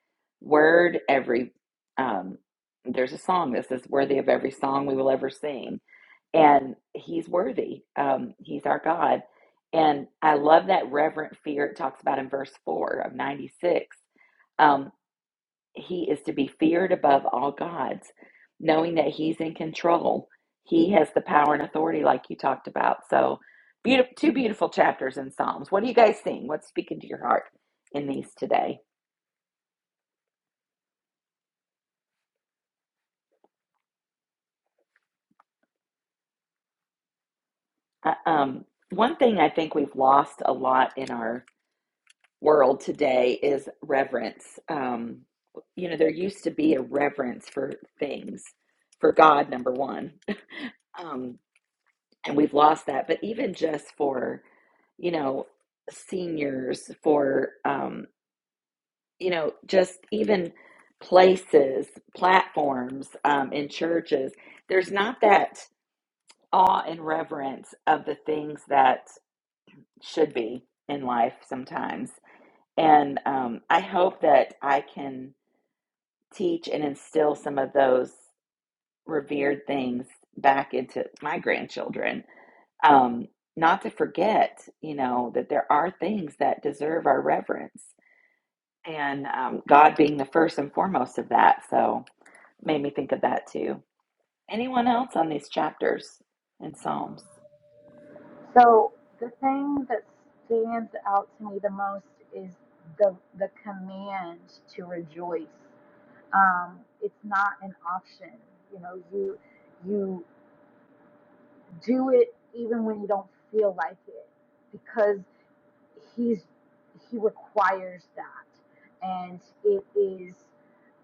A: word, every. Um, there's a song that says, "Worthy of every song we will ever sing," and He's worthy. Um, he's our God, and I love that reverent fear it talks about in verse four of ninety six he is to be feared above all gods, knowing that he's in control. He has the power and authority, like you talked about. So, beautiful, two beautiful chapters in Psalms. What are you guys seeing? What's speaking to your heart in these today? Uh, um, one thing I think we've lost a lot in our world today is reverence. Um, you know, there used to be a reverence for things, for God, number one. Um, and we've lost that. But even just for, you know, seniors, for, um, you know, just even places, platforms um, in churches, there's not that awe and reverence of the things that should be in life sometimes. And um, I hope that I can teach and instill some of those revered things back into my grandchildren um, not to forget, you know, that there are things that deserve our reverence, and um, God being the first and foremost of that. So, made me think of that too. Anyone else on these chapters in Psalms?
B: So the thing that stands out to me the most is the, the command to rejoice um, it's not an option. You know, you you do it even when you don't feel like it because he's he requires that and it is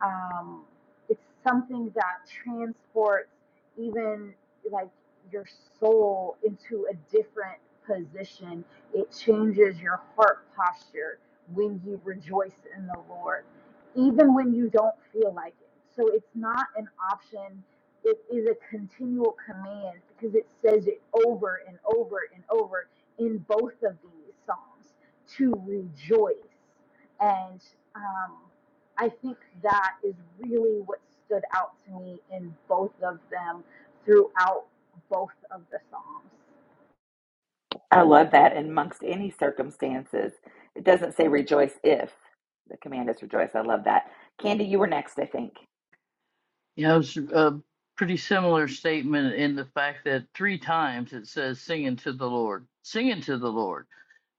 B: um, it's something that transports even like your soul into a different position it changes your heart posture when you rejoice in the lord even when you don't feel like it so it's not an option it is a continual command because it says it over and over and over in both of these psalms to rejoice. And um, I think that is really what stood out to me in both of them throughout both of the psalms.
A: I love that. And amongst any circumstances, it doesn't say rejoice if the command is rejoice. I love that. Candy, you were next, I think.
C: Yeah, it was a pretty similar statement in the fact that three times it says singing to the Lord, singing to the Lord.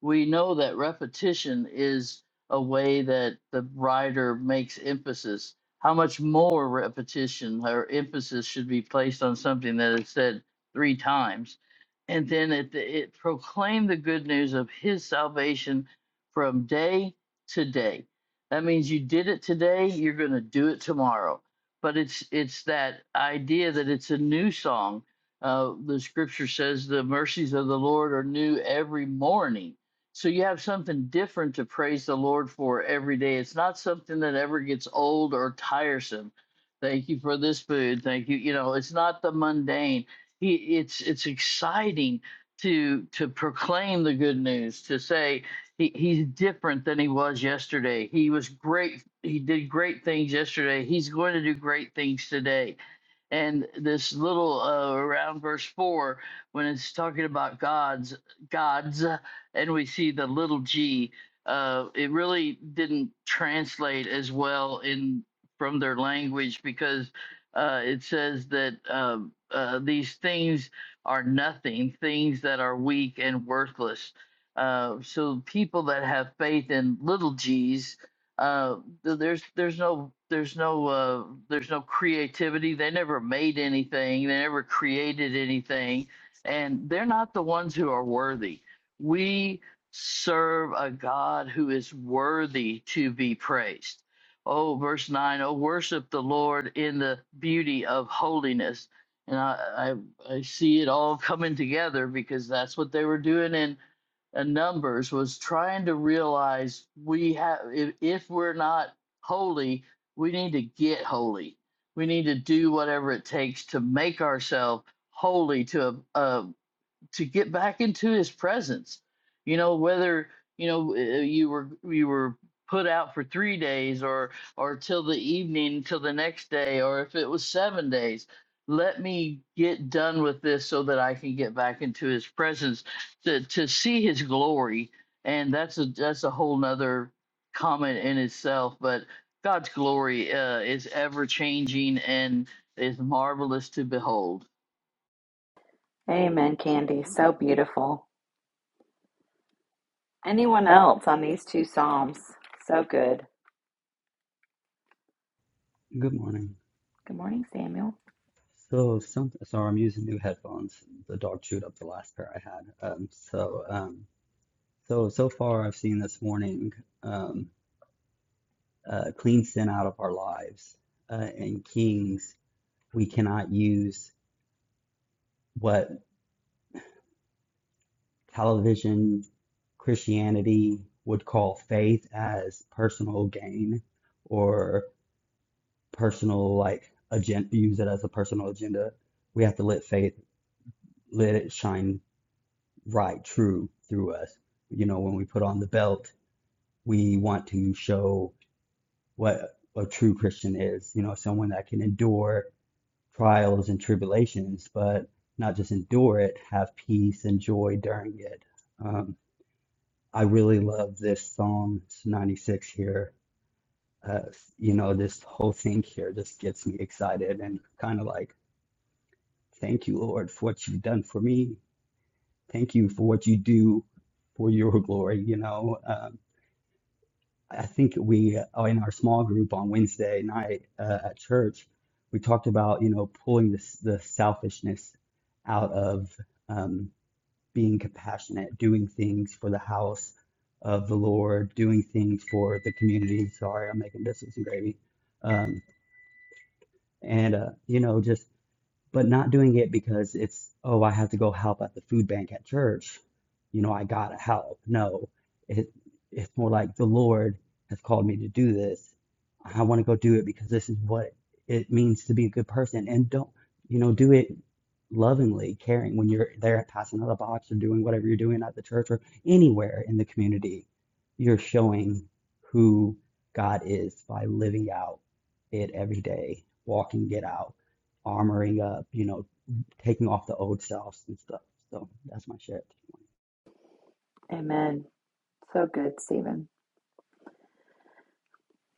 C: We know that repetition is a way that the writer makes emphasis. How much more repetition or emphasis should be placed on something that is said three times? And then it, it proclaimed the good news of his salvation from day to day. That means you did it today, you're going to do it tomorrow but it's it's that idea that it's a new song. Uh, the scripture says the mercies of the Lord are new every morning. So you have something different to praise the Lord for every day. It's not something that ever gets old or tiresome. Thank you for this food. Thank you. You know, it's not the mundane. He, it's it's exciting to to proclaim the good news. To say, he, he's different than he was yesterday. He was great. He did great things yesterday. He's going to do great things today and this little uh, around verse four when it's talking about gods gods and we see the little g uh, it really didn't translate as well in from their language because uh, it says that um, uh, these things are nothing things that are weak and worthless uh, so people that have faith in little g's uh, th- there's there's no there's no uh, there's no creativity. They never made anything. They never created anything, and they're not the ones who are worthy. We serve a God who is worthy to be praised. Oh, verse nine. Oh, worship the Lord in the beauty of holiness. And I, I I see it all coming together because that's what they were doing in and numbers was trying to realize we have if, if we're not holy we need to get holy we need to do whatever it takes to make ourselves holy to a, a to get back into his presence you know whether you know uh, you were you were put out for 3 days or or till the evening till the next day or if it was 7 days let me get done with this so that I can get back into his presence to to see his glory and that's a that's a whole nother comment in itself but God's glory uh, is ever changing and is marvelous to behold
A: Amen, Candy. So beautiful. Anyone else on these two Psalms? So good.
G: Good morning.
A: Good morning, Samuel.
G: So, some, so I'm using new headphones. The dog chewed up the last pair I had. Um, so, um, so so far I've seen this morning um, uh, clean sin out of our lives. Uh, and Kings, we cannot use what television Christianity would call faith as personal gain or personal like agenda. Use it as a personal agenda. We have to let faith let it shine Right, true through us. You know, when we put on the belt, we want to show what a true Christian is, you know, someone that can endure trials and tribulations, but not just endure it, have peace and joy during it. Um, I really love this Psalm 96 here. Uh, you know, this whole thing here just gets me excited and kind of like, thank you, Lord, for what you've done for me. Thank you for what you do for your glory, you know. um, I think we uh, in our small group on Wednesday night uh, at church, we talked about you know pulling this the selfishness out of um, being compassionate, doing things for the house of the Lord, doing things for the community. Sorry, I'm making biscuits and gravy, um, and uh, you know just but not doing it because it's, oh, I have to go help at the food bank at church. You know, I gotta help. No, it it's more like the Lord has called me to do this. I want to go do it because this is what it means to be a good person. And don't, you know, do it lovingly, caring when you're there passing out a box or doing whatever you're doing at the church or anywhere in the community. You're showing who God is by living out it every day, walking it out armoring up, you know, taking off the old selves and stuff. So that's my shit.
A: Amen. So good, Stephen.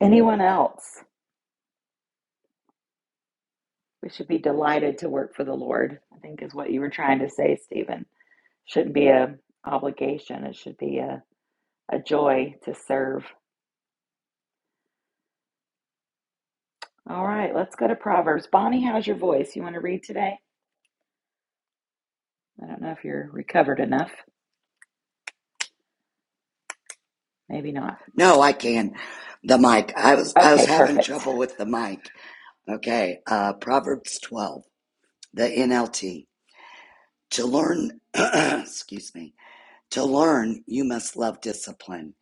A: Anyone else? We should be delighted to work for the Lord, I think is what you were trying to say, Stephen. Shouldn't be a obligation. It should be a, a joy to serve. All right, let's go to Proverbs. Bonnie, how's your voice? You want to read today? I don't know if you're recovered enough. Maybe not.
H: No, I can. The mic. I was I was
A: Okay,
H: having
A: perfect.
H: trouble with the mic. Okay. Uh Proverbs 12, the NLT. To learn, excuse me. To learn, you must love discipline.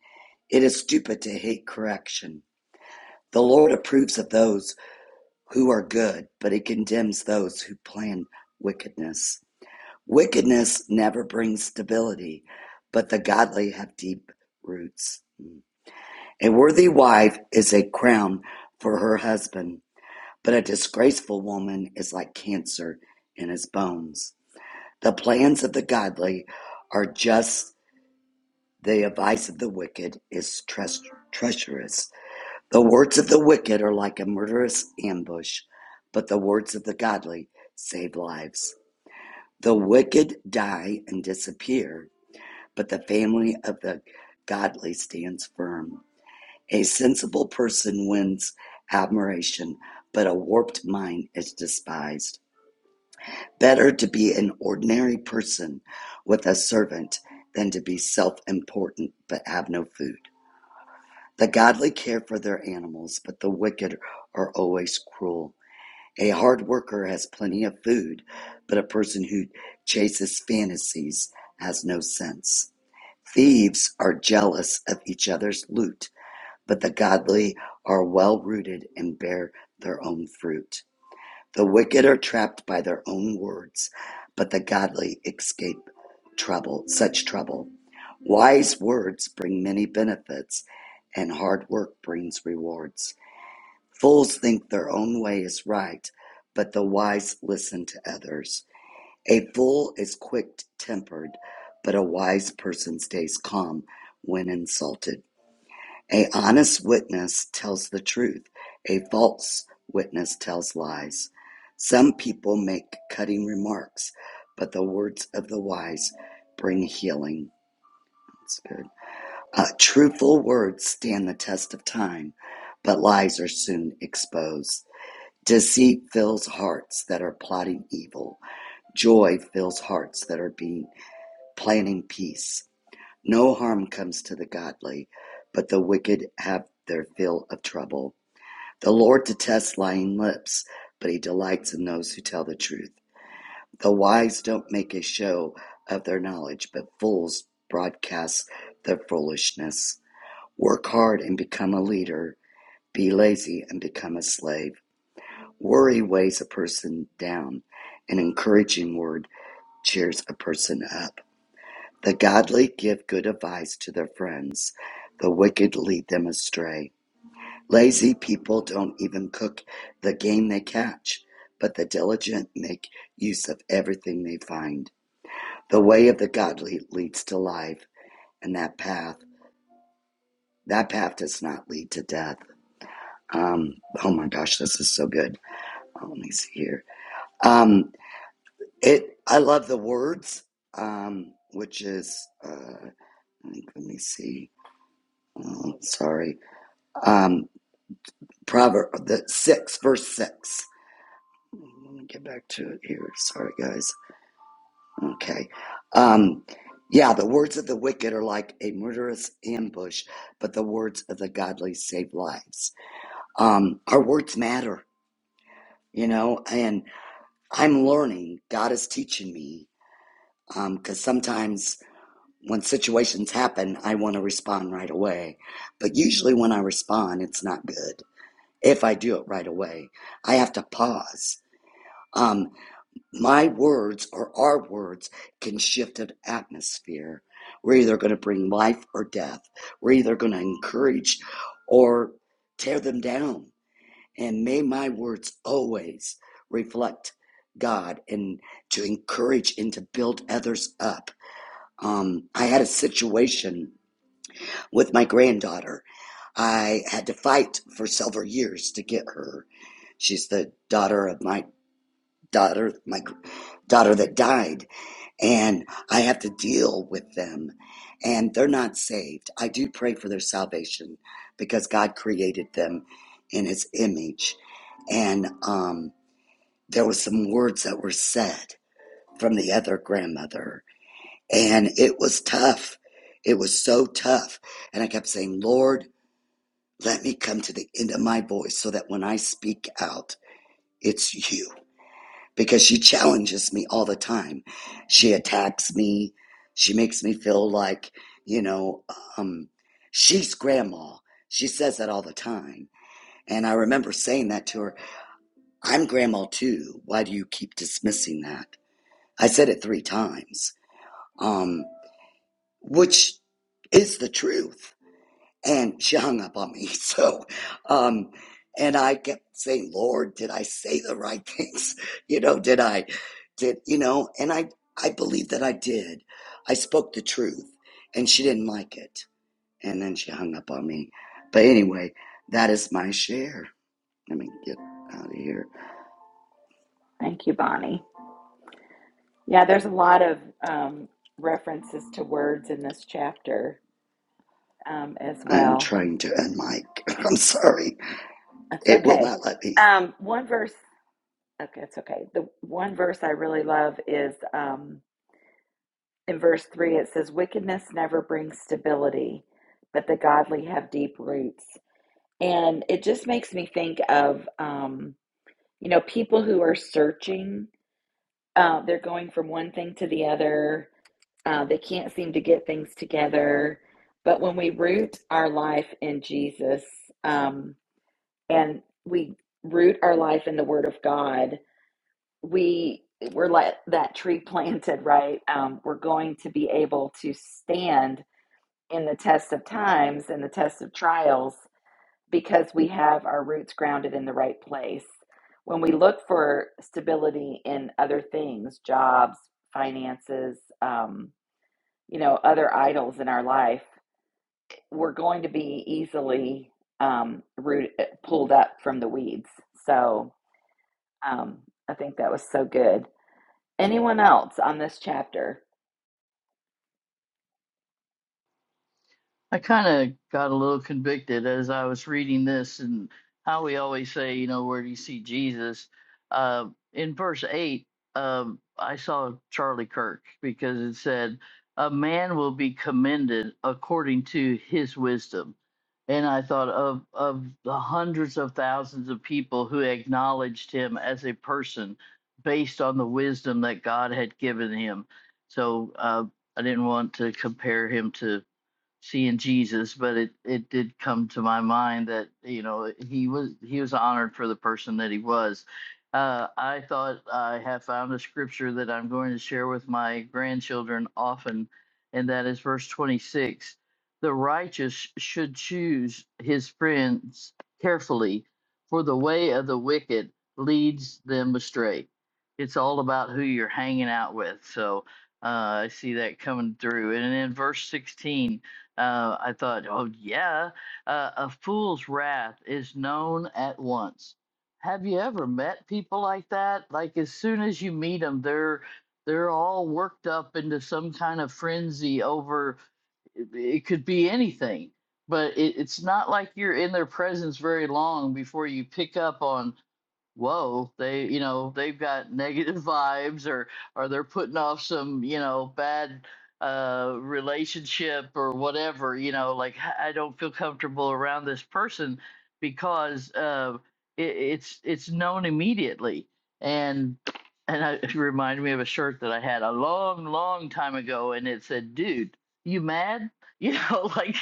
H: It is stupid to hate correction. The Lord approves of those who are good, but he condemns those who plan wickedness. Wickedness never brings stability, but the godly have deep roots. A worthy wife is a crown for her husband But a disgraceful woman is like cancer in his bones. The plans of the godly are just, the advice of the wicked is treach- treacherous. The words of the wicked are like a murderous ambush, but the words of the godly save lives. The wicked die and disappear, but the family of the godly stands firm. A sensible person wins admiration, but a warped mind is despised. Better to be an ordinary person with a servant than to be self important but have no food. The godly care for their animals, but the wicked are always cruel. A hard worker has plenty of food, but a person who chases fantasies has no sense. Thieves are jealous of each other's loot, but the godly are well rooted and bear their own fruit. The wicked are trapped by their own words, but the godly escape trouble, such trouble. Wise words bring many benefits, and hard work brings rewards. Fools think their own way is right, but the wise listen to others. A fool is quick tempered, but a wise person stays calm when insulted. A honest witness tells the truth; a false witness tells lies. Some people make cutting remarks, but the words of the wise bring healing. That's good. Uh, truthful words stand the test of time, but lies are soon exposed. Deceit fills hearts that are plotting evil. Joy fills hearts that are being planning peace. No harm comes to the godly, but the wicked have their fill of trouble. The Lord detests lying lips, but he delights in those who tell the truth. The wise don't make a show of their knowledge, but fools broadcast their foolishness. Work hard and become a leader. Be lazy and become a slave. Worry weighs a person down. An encouraging word cheers a person up. The godly give good advice to their friends. The wicked lead them astray. Lazy people don't even cook the game they catch, but the diligent make use of everything they find. The way of the godly leads to life, and that path, that path does not lead to death. Um, oh my gosh, this is so good. Oh, let me see here. Um, it, I love the words, um, which is, uh, I think, let me see. Oh, sorry. Um, Proverb, the six, verse six. Let me get back to it here. Sorry, guys. Okay. Um, yeah, the words of the wicked are like a murderous ambush, but the words of the godly save lives. Um, our words matter, you know, and I'm learning. God is teaching me because sometimes when situations happen, I want to respond right away. But usually when I respond, it's not good if I do it right away. I have to pause. Um, my words or our words can shift an atmosphere. We're either going to bring life or death. We're either going to encourage or tear them down. And may my words always reflect God and to encourage and to build others up. Um, I had a situation with my granddaughter. I had to fight for several years to get her. She's the daughter of my daughter, my daughter that died and I have to deal with them, and they're not saved. I do pray for their salvation because God created them in His image. And um, there were some words that were said from the other grandmother, and it was tough. It was so tough. And I kept saying, Lord, let me come to the end of my voice so that when I speak out, it's you because she challenges me all the time. She attacks me. She makes me feel like, you know, um, she's grandma. She says that all the time. And I remember saying that to her I'm grandma too. Why do you keep dismissing that? I said it three times, um, which is the truth and she hung up on me. So, um, and I kept saying, Lord, did I say the right things? You know, did I, did, you know, and I, I believe that I did. I spoke the truth and she didn't like it. And then she hung up on me. But anyway, that is my share. Let me get out of here.
A: Thank you, Bonnie. Yeah, there's a lot of um, references to words in this chapter um, as
H: I'm
A: well.
H: trying to end I'm sorry.
A: It's
H: It will
A: okay.
H: not let me.
A: Um, one verse, okay, it's okay. The one verse I really love is um, in verse three. It says, "Wickedness never brings stability, but the godly have deep roots." And it just makes me think of, um, you know, people who are searching. Uh, they're going from one thing to the other. Uh, they can't seem to get things together. But when we root our life in Jesus, um, and we root our life in the Word of God, we we're like that tree planted, right? Um, we're going to be able to stand in the test of times and the test of trials because we have our roots grounded in the right place. When we look for stability in other things, jobs, finances, um, you know, other idols in our life, we're going to be easily um, root, pulled up from the weeds. So, Um, I think that was so good. Anyone else on this chapter?
C: I kind of got a little convicted as I was reading this and how we always say, you know, where do you see Jesus? Uh, in verse 8, um, I saw Charlie Kirk because it said, A man will be commended according to his wisdom. And I thought of, of the hundreds of thousands of people who acknowledged him as a person based on the wisdom that God had given him. So uh, I didn't want to compare him to seeing Jesus, but it it did come to my mind that you know he was he was honored for the person that he was. Uh, I thought I have found a scripture that I'm going to share with my grandchildren often, and that is verse 26. The righteous should choose his friends carefully, for the way of the wicked leads them astray. It's all about who you're hanging out with. So uh, I see that coming through. And in verse 16, uh, I thought, oh yeah, uh, a fool's wrath is known at once. Have you ever met people like that? Like as soon as you meet them, they're they're all worked up into some kind of frenzy over it, it could be anything. But it, it's not like you're in their presence very long before you pick up on whoa they you know they've got negative vibes or or they're putting off some you know bad uh relationship or whatever you know like "H- i don't feel comfortable around this person because uh it, it's it's known immediately and and I, it reminded me of a shirt that i had a long long time ago and it said dude you mad you know like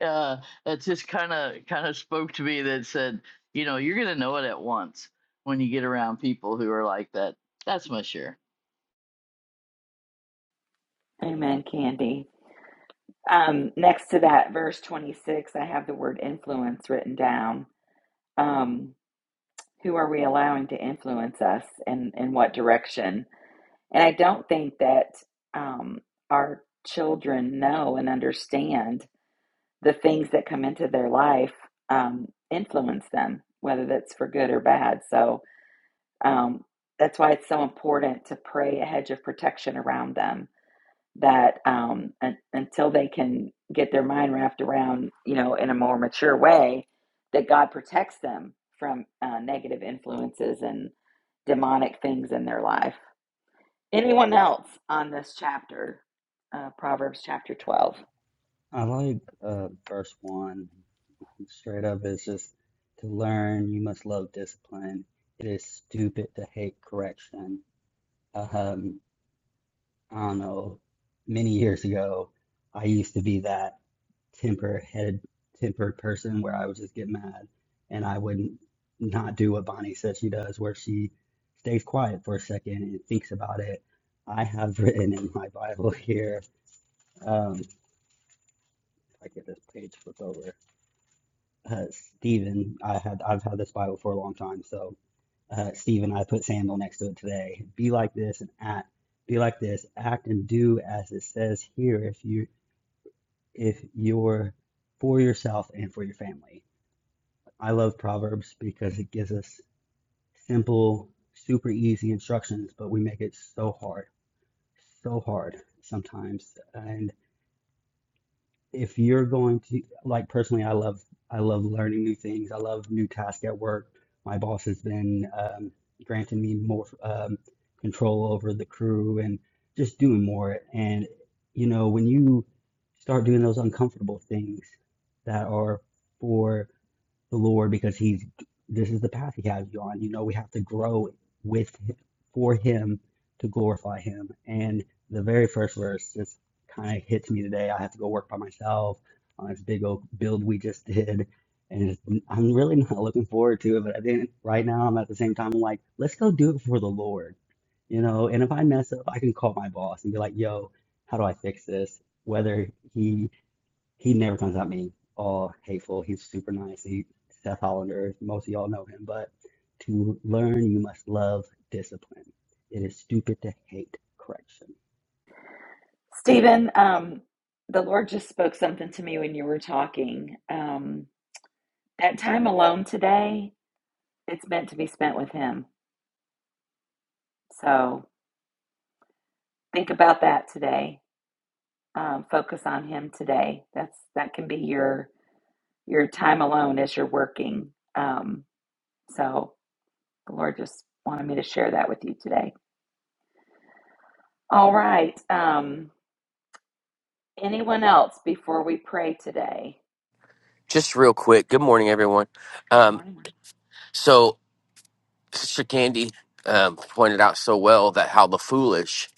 C: uh, it just kind of kind of spoke to me that said, you know, you're gonna know it at once when you get around people who are like that. That's my share.
A: Amen, Candy. Um, next to that, verse 26, I have the word influence written down. Um, who are we allowing to influence us and in what direction? And I don't think that um, our children know and understand the things that come into their life um, influence them, whether that's for good or bad. So um, that's why it's so important to pray a hedge of protection around them that um, un- until they can get their mind wrapped around, you know, in a more mature way, that God protects them from uh, negative influences and demonic things in their life. Anyone else on this chapter, uh, Proverbs chapter 12?
G: I like uh, verse one. Straight up, it's just to learn, you must love discipline. It is stupid to hate correction. Um, I don't know, many years ago, I used to be that temper head tempered person where I would just get mad and I wouldn't not do what Bonnie said she does, where she stays quiet for a second and thinks about it. I have written in my Bible here, um, if I get this page flipped over uh, Stephen, I had I've had this Bible for a long time, so uh, Stephen, I put Samuel next to it today. Be like this and act. Be like this, act and do as it says here. If you if you're for yourself and for your family. I love Proverbs because it gives us simple, super easy instructions, but we make it so hard, so hard sometimes. And if you're going to like personally i love i love learning new things i love new tasks at work my boss has been um, granting me more um, control over the crew and just doing more and you know when you start doing those uncomfortable things that are for the Lord because he's this is the path he has you on. You know, we have to grow with for him to glorify him. And the very first verse just kind of hits me today. I have to go work by myself on this big old build we just did. And it's, I'm really not looking forward to it, but I think right now I'm at the same time I'm like, let's go do it for the Lord, you know. And if I mess up, I can call my boss and be like, "Yo, how do I fix this?" Whether he he never comes at me all hateful. He's super nice. He Seth Hollander, most of y'all know him, but to learn you must love discipline. It is stupid to hate correction.
A: Stephen, um, the Lord just spoke something to me when you were talking. Um, that time alone today, it's meant to be spent with Him. So think about that today. Um, focus on Him today. That's that can be your your time alone as you're working. Um, so the Lord just wanted me to share that with you today. All right. Um, anyone else before we pray today?
I: just real quick good morning everyone
A: Good
I: um,
A: morning.
I: so sister candy um, pointed out so well that how the foolish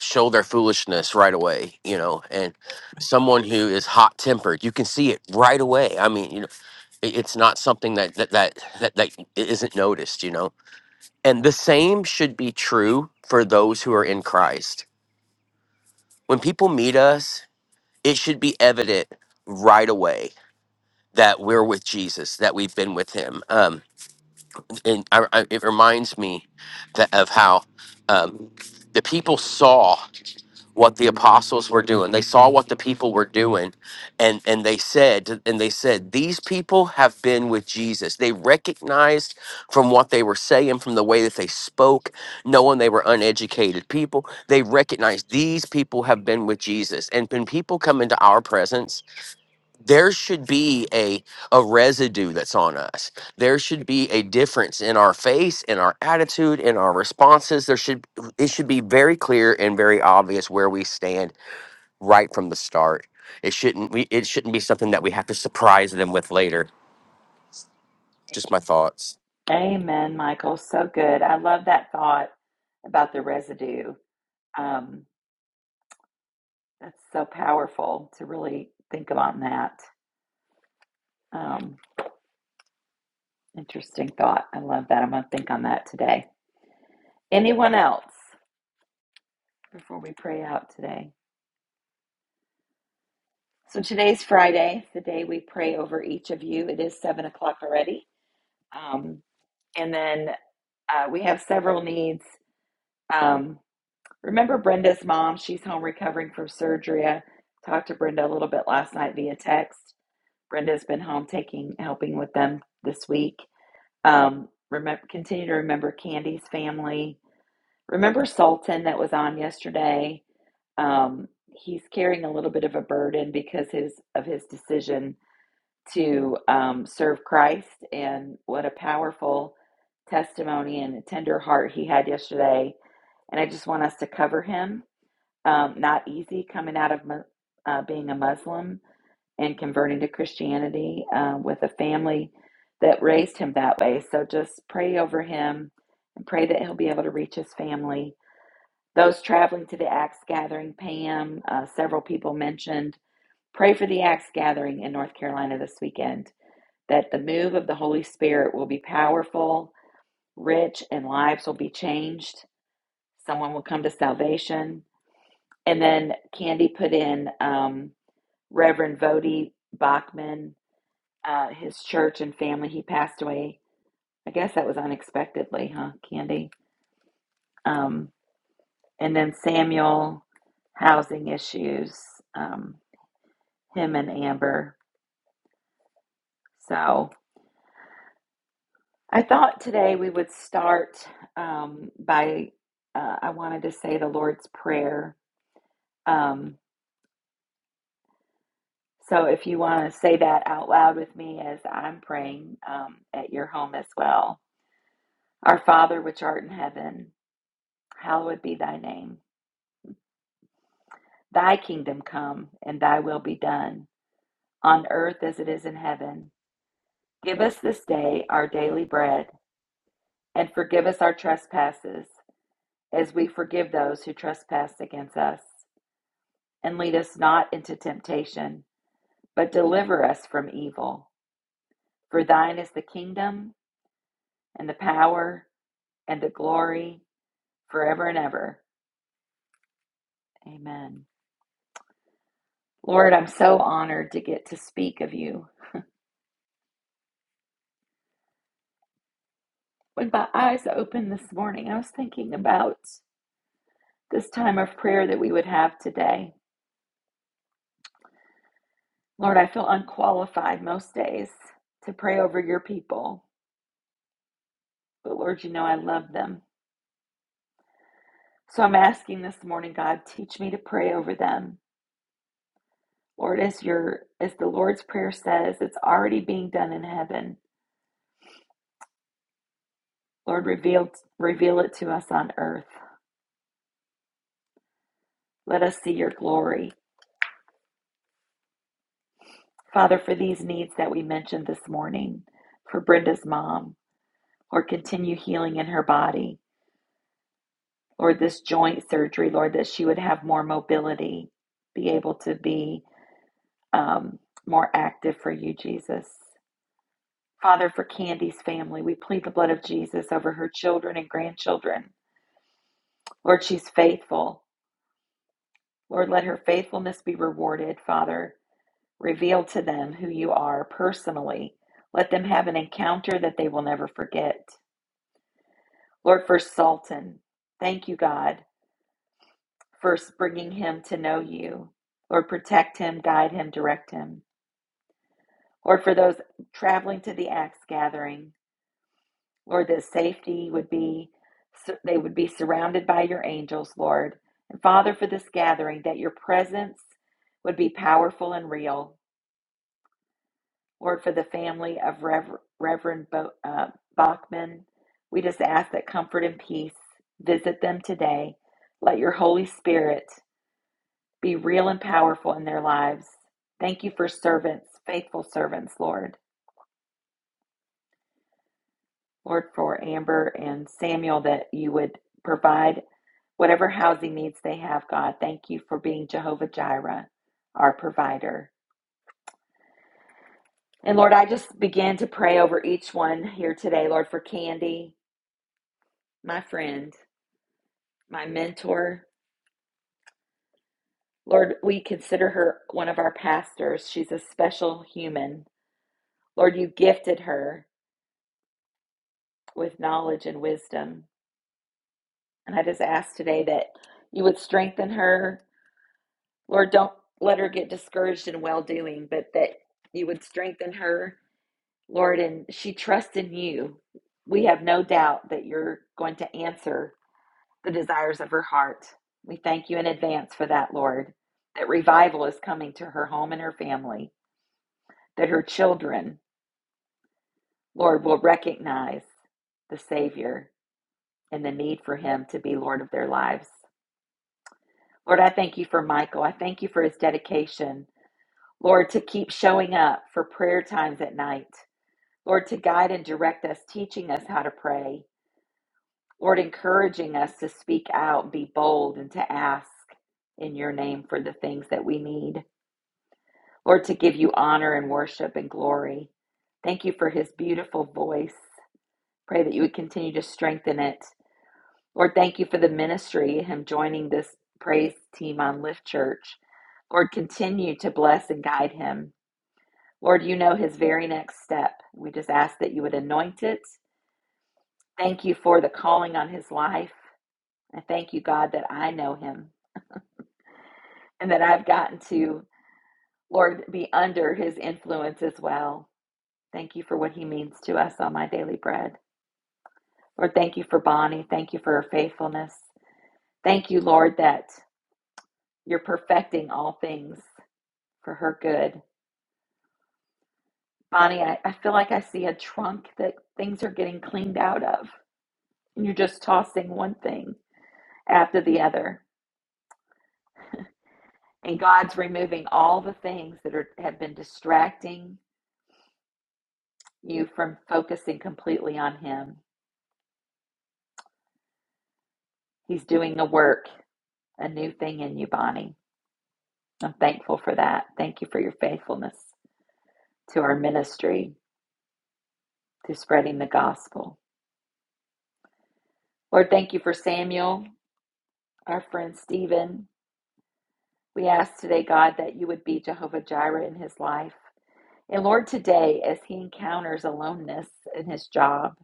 I: show their foolishness right away you know and someone who is hot tempered you can see it right away i mean you know it, it's not something that that, that that that isn't noticed you know and the same should be true for those who are in christ when people meet us it should be evident right away that we're with jesus that we've been with him um, and I, I, it reminds me that of how um, the people saw what the apostles were doing. They saw what the people were doing, and and they said, and they said, these people have been with Jesus. They recognized from what they were saying, from the way that they spoke, knowing they were uneducated people. They recognized these people have been with Jesus, and when people come into our presence there should be a a residue that's on us there should be a difference in our face in our attitude in our responses there should it should be very clear and very obvious where we stand right from the start it shouldn't we it shouldn't be something that we have to surprise them with later just my thoughts
A: Amen, Michael. So good. I love that thought about the residue. Um, that's so powerful to really think about that. Um, interesting thought. I love that. I'm going to think on that today. Anyone else before we pray out today? So today's Friday, the day we pray over each of you. It is seven o'clock already. Um, and then uh, we have several needs. Um, remember Brenda's mom? She's home recovering from surgery. I talked to Brenda a little bit last night via text Brenda's been home taking, helping with them this week. Um, remember, continue to remember Candy's family. Remember Sultan that was on yesterday. Um, he's carrying a little bit of a burden because his of his decision to um, serve Christ, and what a powerful testimony and a tender heart he had yesterday. And I just want us to cover him. Um, not easy coming out of mu- uh, being a Muslim and converting to Christianity uh, with a family that raised him that way. So just pray over him and pray that he'll be able to reach his family. Those traveling to the Axe Gathering, Pam, uh, several people mentioned, pray for the Axe Gathering in North Carolina this weekend, that the move of the Holy Spirit will be powerful, rich, and lives will be changed. Someone will come to salvation. And then Candy put in um, Reverend Vody Bachman uh, his church and family. He passed away. I guess that was unexpectedly, huh, Candy? Um, and then Samuel, housing issues, um, him and Amber. So I thought today we would start um, by, uh, I wanted to say the Lord's Prayer. Um, so if you want to say that out loud with me as I'm praying um, at your home as well. Our Father, which art in heaven, hallowed be thy name. Thy kingdom come, and thy will be done, on earth as it is in heaven. Give us this day our daily bread, and forgive us our trespasses, as we forgive those who trespass against us. And lead us not into temptation, but deliver us from evil. For thine is the kingdom, and the power, and the glory, forever and ever. Amen. Lord, I'm so honored to get to speak of you. When my eyes opened this morning, I was thinking about this time of prayer that we would have today. Lord, I feel unqualified most days to pray over your people, but Lord, you know I love them. So I'm asking this morning, God, teach me to pray over them. Lord, as your as the Lord's prayer says, it's already being done in heaven. Lord, reveal reveal it to us on earth. Let us see your glory. Father, for these needs that we mentioned this morning, for Brenda's mom, Lord, continue healing in her body. Lord, this joint surgery, Lord, that she would have more mobility, be able to be um, more active for you, Jesus. Father, for Candy's family, we plead the blood of Jesus over her children and grandchildren. Lord, she's faithful. Lord, let her faithfulness be rewarded, Father. Reveal to them who you are personally. Let them have an encounter that they will never forget. Lord, for Sultan, thank you, God. first bringing him to know you. Lord, protect him, guide him, direct him. Lord, for those traveling to the axe gathering, Lord, that safety would be, they would be surrounded by your angels, Lord. And Father, for this gathering, that your presence would be powerful and real. Lord, for the family of Rev- Reverend Bo- uh, Bachman, we just ask that comfort and peace visit them today. Let your Holy Spirit be real and powerful in their lives. Thank you for servants, faithful servants, Lord. Lord, for Amber and Samuel, that you would provide whatever housing needs they have, God. Thank you for being Jehovah Jireh, our provider. And Lord, I just began to pray over each one here today, Lord, for Candy, my friend, my mentor. Lord, we consider her one of our pastors. She's a special human. Lord, you gifted her with knowledge and wisdom. And I just ask today that you would strengthen her. Lord, don't let her get discouraged in well doing, but that you would strengthen her, Lord, and she trusts in you. We have no doubt that you're going to answer the desires of her heart. We thank you in advance for that, Lord, that revival is coming to her home and her family, that her children, Lord, will recognize the Savior and the need for Him to be Lord of their lives. Lord, I thank you for Michael. I thank you for his dedication, Lord, to keep showing up for prayer times at night. Lord, to guide and direct us, teaching us how to pray. Lord, encouraging us to speak out, be bold, and to ask in your name for the things that we need. Lord, to give you honor and worship and glory. Thank you for his beautiful voice. Pray that you would continue to strengthen it. Lord, thank you for the ministry, him joining this praise team on Lift Church. Lord, continue to bless and guide him. Lord, you know his very next step. We just ask that you would anoint it. Thank you for the calling on his life. I thank you, God, that I know him and that I've gotten to, Lord, be under his influence as well. Thank you for what he means to us on my daily bread. Lord, thank you for Bonnie. Thank you for her faithfulness. Thank you, Lord, that you're perfecting all things. for her good. Bonnie, I, I feel like I see a trunk that things are getting cleaned out of, and you're just tossing one thing after the other. And God's removing all the things that are, have been distracting you from focusing completely on Him. He's doing a work, a new thing in you, Bonnie. I'm thankful for that. Thank you for your faithfulness to our ministry, to spreading the gospel. Lord, thank you for Samuel, our friend Stephen, We ask today, God, that you would be Jehovah Jireh in his life. And Lord, today, as he encounters aloneness in his job,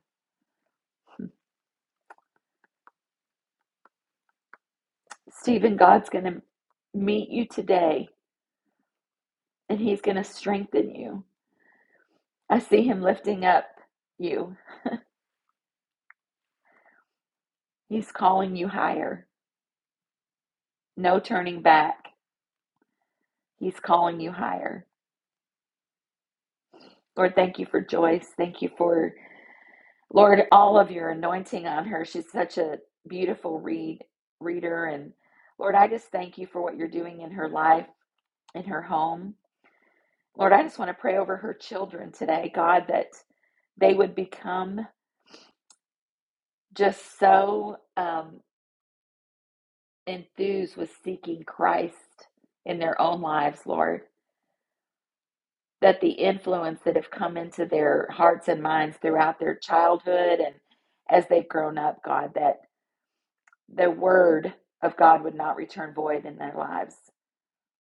A: Stephen, God's going to meet you today and he's going to strengthen you. I see him lifting up you. He's calling you higher. No turning back. He's calling you higher. Lord, thank you for Joyce. Thank you for, Lord, all of your anointing on her. She's such a beautiful read reader and Lord, I just thank you for what you're doing in her life. in her home. Lord, I just want to pray over her children today, God, that they would become just so um, enthused with seeking Christ in their own lives, Lord, that the influence that have come into their hearts and minds throughout their childhood and as they've grown up, God, that the word of God would not return void in their lives.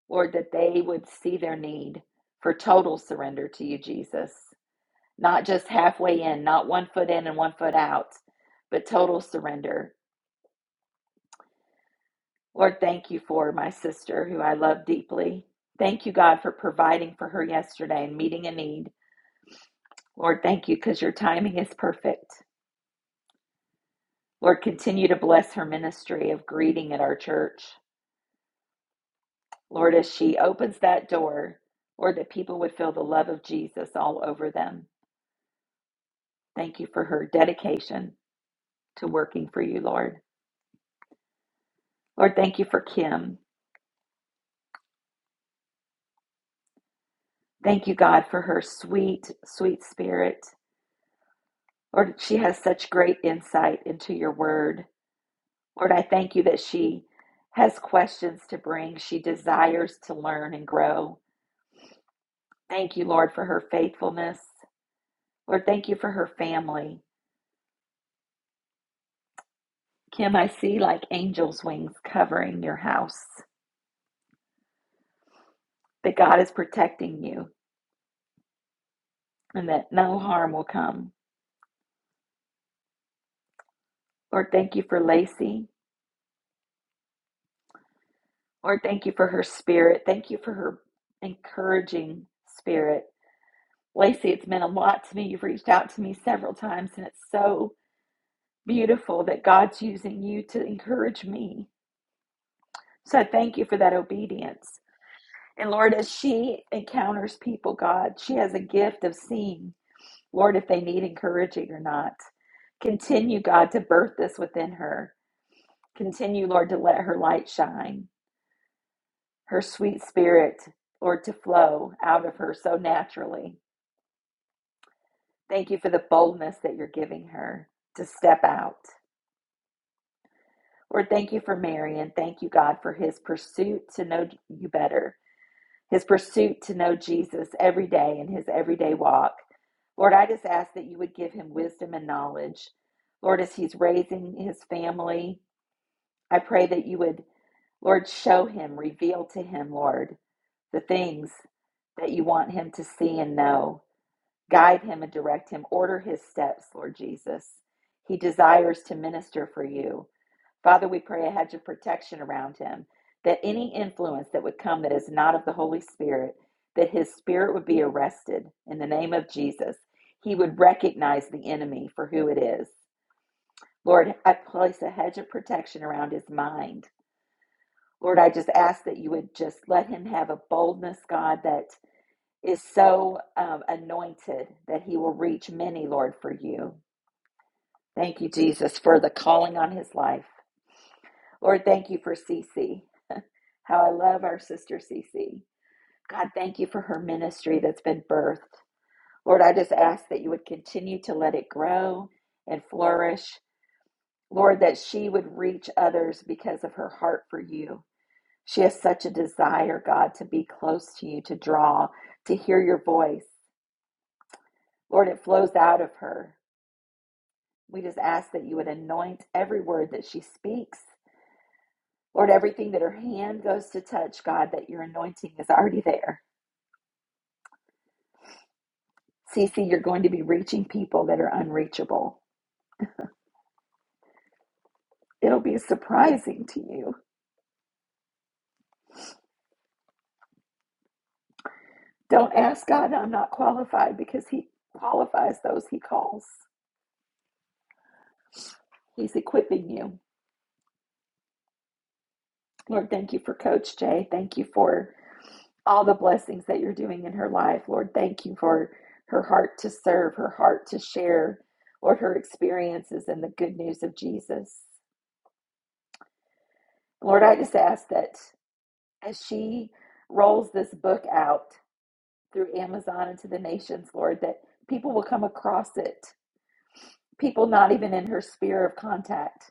A: Lord, that they would see their need for total surrender to you, Jesus not just halfway in, not one foot in and one foot out, but total surrender. Lord, thank you for my sister who I love deeply. Thank you, God, for providing for her yesterday and meeting a need. Lord, thank you because your timing is perfect. Lord, continue to bless her ministry of greeting at our church. Lord, as she opens that door, Lord, that people would feel the love of Jesus all over them. Thank you for her dedication to working for you, Lord. Lord, thank you for Kim. Thank you, God, for her sweet, sweet spirit. Lord, she has such great insight into your word. Lord, I thank you that she has questions to bring. She desires to learn and grow. Thank you, Lord, for her faithfulness. Lord, thank you for her family. Kim, I see like angels' wings covering your house, that God is protecting you and that no harm will come. Lord, thank you for Lacey. Lord, thank you for her spirit. Thank you for her encouraging spirit. Lacey, it's meant a lot to me. You've reached out to me several times, and it's so beautiful that God's using you to encourage me. So I thank you for that obedience. And Lord, as she encounters people, God, she has a gift of seeing, Lord, if they need encouraging or not. Continue, God, to birth this within her. Continue, Lord, to let her light shine, her sweet spirit, Lord, to flow out of her so naturally. Thank you for the boldness that you're giving her to step out. Lord, thank you for Marion. Thank you, God, for his pursuit to know you better, his pursuit to know Jesus every day in his everyday walk. Lord, I just ask that you would give him wisdom and knowledge. Lord, as he's raising his family, I pray that you would, Lord, show him, reveal to him, Lord, the things that you want him to see and know. Guide him and direct him. Order his steps, Lord Jesus. He desires to minister for you. Father, we pray a hedge of protection around him, that any influence that would come that is not of the Holy Spirit, that his spirit would be arrested in the name of Jesus. He would recognize the enemy for who it is. Lord, I place a hedge of protection around his mind. Lord, I just ask that you would just let him have a boldness, God, that is so um, anointed that he will reach many, Lord, for you. Thank you, Jesus, for the calling on his life. Lord, thank you for Cece. How I love our sister Cece. God, thank you for her ministry that's been birthed. Lord, I just ask that you would continue to let it grow and flourish. Lord, that she would reach others because of her heart for you. She has such a desire, God, to be close to you, to draw, to hear your voice. Lord, it flows out of her. We just ask that you would anoint every word that she speaks. Lord, everything that her hand goes to touch, God, that your anointing is already there. Cece, you're going to be reaching people that are unreachable. It'll be surprising to you. Don't ask God, I'm not qualified, because He qualifies those He calls. He's equipping you. Lord, thank you for Coach Jay. Thank you for all the blessings that you're doing in her life. Lord, thank you for her heart to serve, her heart to share, Lord, her experiences and the good news of Jesus. Lord, I just ask that as she rolls this book out, through Amazon and to the nations, Lord, that people will come across it. People not even in her sphere of contact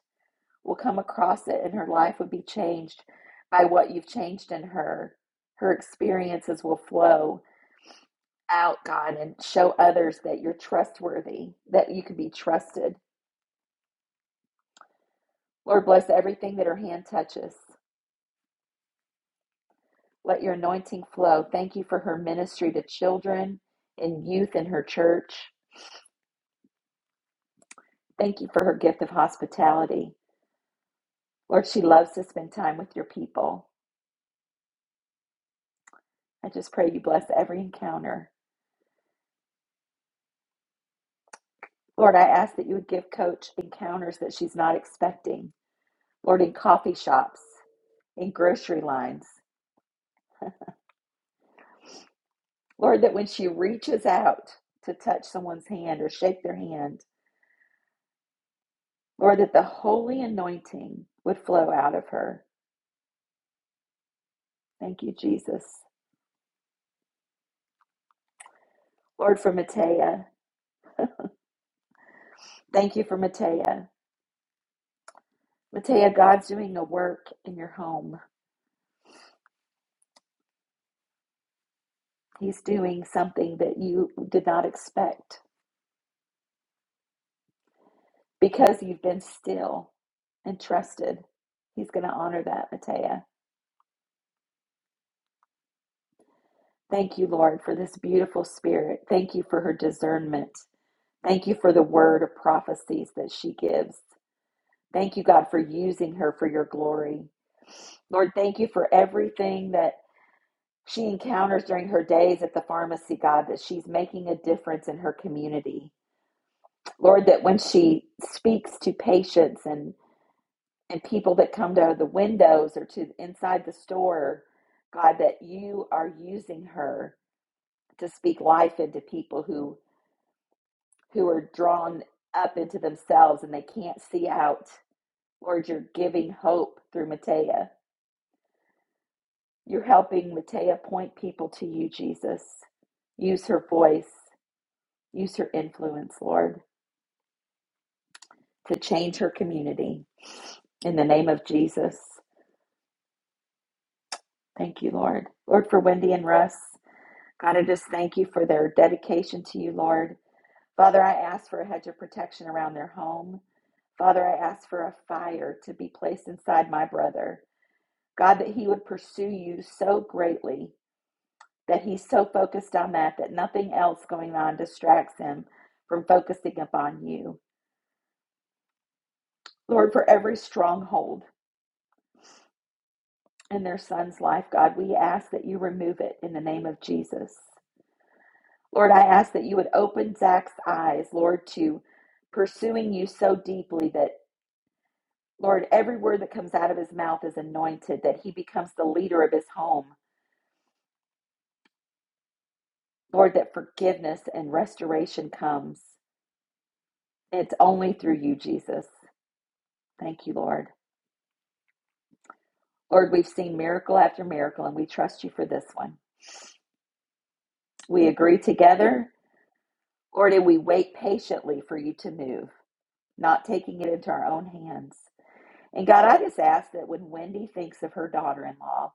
A: will come across it, and her life would be changed by what you've changed in her. Her experiences will flow out, God, and show others that you're trustworthy, that you can be trusted. Lord, bless everything that her hand touches. Let your anointing flow. Thank you for her ministry to children and youth in her church. Thank you for her gift of hospitality. Lord, she loves to spend time with your people. I just pray you bless every encounter. Lord, I ask that you would give Coach encounters that she's not expecting. Lord, in coffee shops, in grocery lines. Lord, that when she reaches out to touch someone's hand or shake their hand, Lord, that the holy anointing would flow out of her. Thank you, Jesus. Lord, for Matea, thank you for Matea. Matea, God's doing a work in your home. He's doing something that you did not expect. because you've been still and trusted. He's going to honor that, Matea. Thank you, Lord, for this beautiful spirit. Thank you for her discernment. Thank you for the word of prophecies that she gives. Thank you, God, for using her for your glory. Lord, thank you for everything that she encounters during her days at the pharmacy, God, that she's making a difference in her community. Lord, that when she speaks to patients and and people that come to the windows or to inside the store, God, that you are using her to speak life into people who who are drawn up into themselves and they can't see out. Lord, you're giving hope through Matea. You're helping Matea point people to you, Jesus. Use her voice, use her influence, Lord, to change her community. In the name of Jesus. Thank you, Lord. Lord, for Wendy and Russ. God, I just thank you for their dedication to you, Lord. Father, I ask for a hedge of protection around their home. Father, I ask for a fire to be placed inside my brother. God, that he would pursue you so greatly, that he's so focused on that, that nothing else going on distracts him from focusing upon you. Lord, for every stronghold in their son's life, God, we ask that you remove it in the name of Jesus. Lord, I ask that you would open Zach's eyes, Lord, to pursuing you so deeply that, Lord, every word that comes out of his mouth is anointed, that he becomes the leader of his home. Lord, that forgiveness and restoration comes. It's only through you, Jesus. Thank you, Lord. Lord, we've seen miracle after miracle, and we trust you for this one. We agree together, Lord, and we wait patiently for you to move, not taking it into our own hands. And God, I just ask that when Wendy thinks of her daughter in law,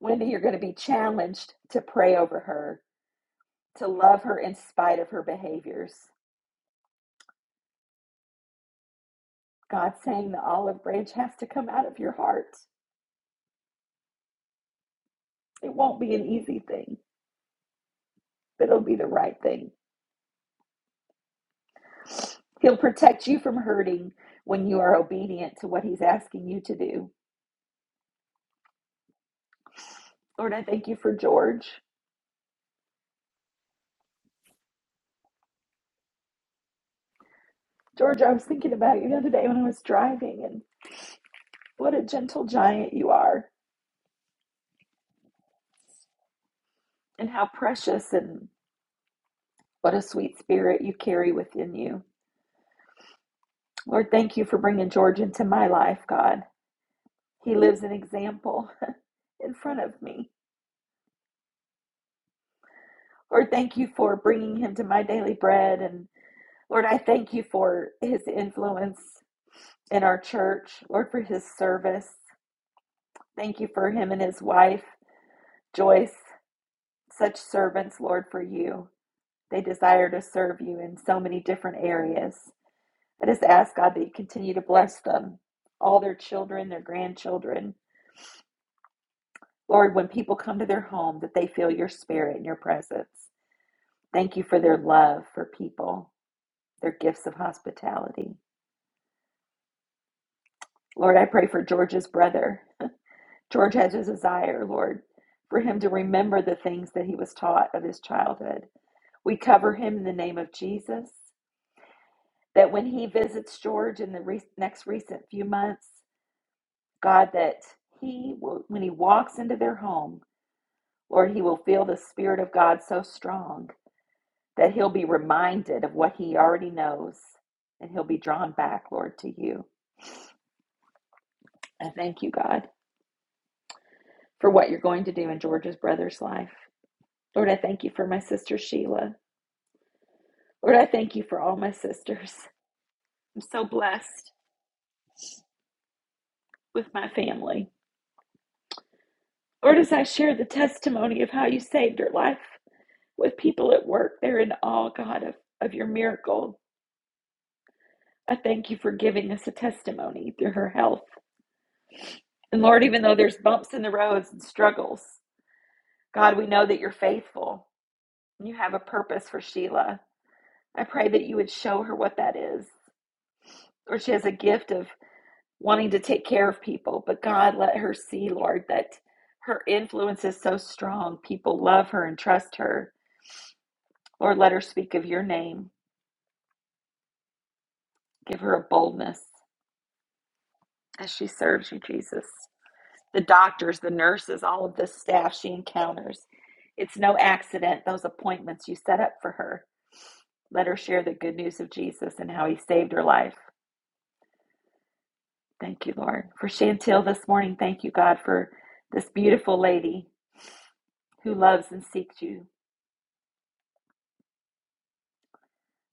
A: Wendy, you're going to be challenged to pray over her, to love her in spite of her behaviors. God's saying the olive branch has to come out of your heart. It won't be an easy thing, but it'll be the right thing. He'll protect you from hurting when you are obedient to what He's asking you to do. Lord, I thank you for George. George, I was thinking about you the other day when I was driving, and what a gentle giant you are, and how precious and what a sweet spirit you carry within you. Lord, thank you for bringing George into my life, God. He lives an example in front of me. Lord, thank you for bringing him to my daily bread. And Lord, I thank you for his influence in our church. Lord, for his service. Thank you for him and his wife, Joyce, such servants, Lord, for you. They desire to serve you in so many different areas. I just ask, God, that you continue to bless them, all their children, their grandchildren. Lord, when people come to their home, that they feel your spirit and your presence. Thank you for their love for people, their gifts of hospitality. Lord, I pray for George's brother. George has a desire, Lord, for him to remember the things that he was taught of his childhood. We cover him in the name of Jesus. That when he visits George in the re- next recent few months, God, that he, will, when he walks into their home, Lord, he will feel the Spirit of God so strong that he'll be reminded of what he already knows and he'll be drawn back, Lord, to you. I thank you, God, for what you're going to do in George's brother's life. Lord, I thank you for my sister Sheila. Lord, I thank you for all my sisters. I'm so blessed with my family. Lord, as I share the testimony of how you saved her life with people at work, they're in awe, God, of, of your miracle. I thank you for giving us a testimony through her health. And Lord, even though there's bumps in the roads and struggles, God, we know that you're faithful. You have a purpose for Sheila. I pray that you would show her what that is. Or she has a gift of wanting to take care of people. But God, let her see, Lord, that her influence is so strong. People love her and trust her. Lord, let her speak of your name. Give her a boldness as she serves you, Jesus. The doctors, the nurses, all of the staff she encounters. It's no accident, those appointments you set up for her. Let her share the good news of Jesus and how he saved her life. Thank you, Lord. For Chantel this morning, thank you, God, for this beautiful lady who loves and seeks you.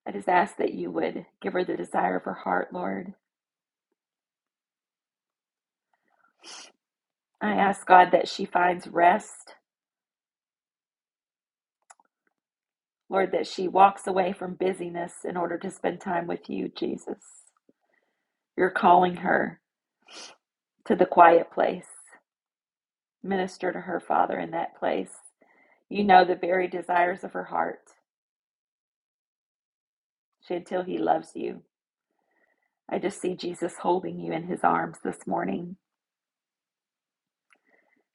A: I just ask that you would give her the desire of her heart, Lord. I ask, God, that she finds rest, Lord, that she walks away from busyness in order to spend time with you, Jesus. You're calling her to the quiet place. Minister to her, Father, in that place. You know the very desires of her heart. Chantel, he loves you. I just see Jesus holding you in his arms this morning.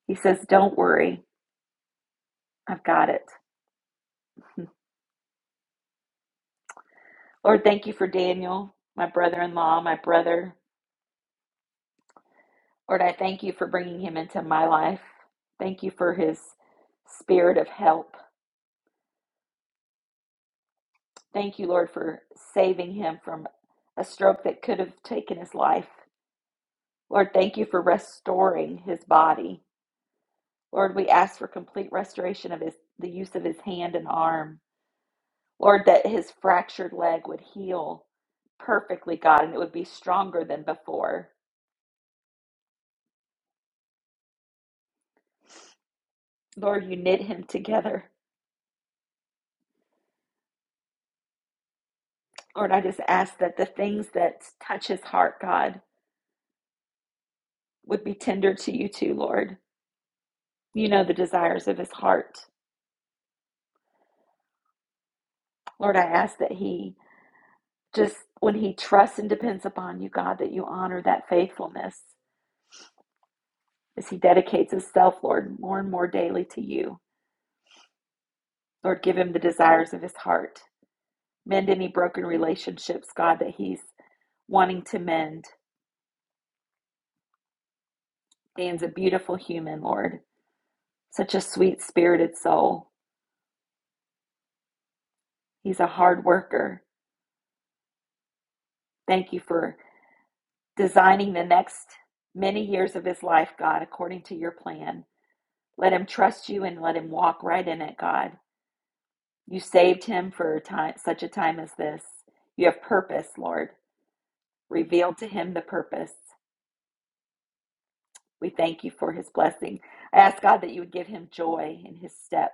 A: He says, Don't worry, I've got it. Lord, thank you for Daniel, my brother in law, my brother. Lord, I thank you for bringing him into my life. Thank you for his spirit of help. Thank you, Lord, for saving him from a stroke that could have taken his life. Lord, thank you for restoring his body. Lord, we ask for complete restoration of his the use of his hand and arm. Lord, that his fractured leg would heal perfectly, God, and it would be stronger than before. Lord, you knit him together. Lord, I just ask that the things that touch his heart, God, would be tender to you too, Lord. You know the desires of his heart. Lord, I ask that he just, when he trusts and depends upon you, God, that you honor that faithfulness as he dedicates himself, Lord, more and more daily to you. Lord, give him the desires of his heart. Mend any broken relationships, God, that he's wanting to mend. Dan's a beautiful human, Lord, such a sweet spirited soul. He's a hard worker. Thank you for designing the next many years of his life, God, according to your plan. Let him trust you and let him walk right in it, God. You saved him for a time, such a time as this. You have purpose, Lord. Reveal to him the purpose. We thank you for his blessing. I ask God that you would give him joy in his step,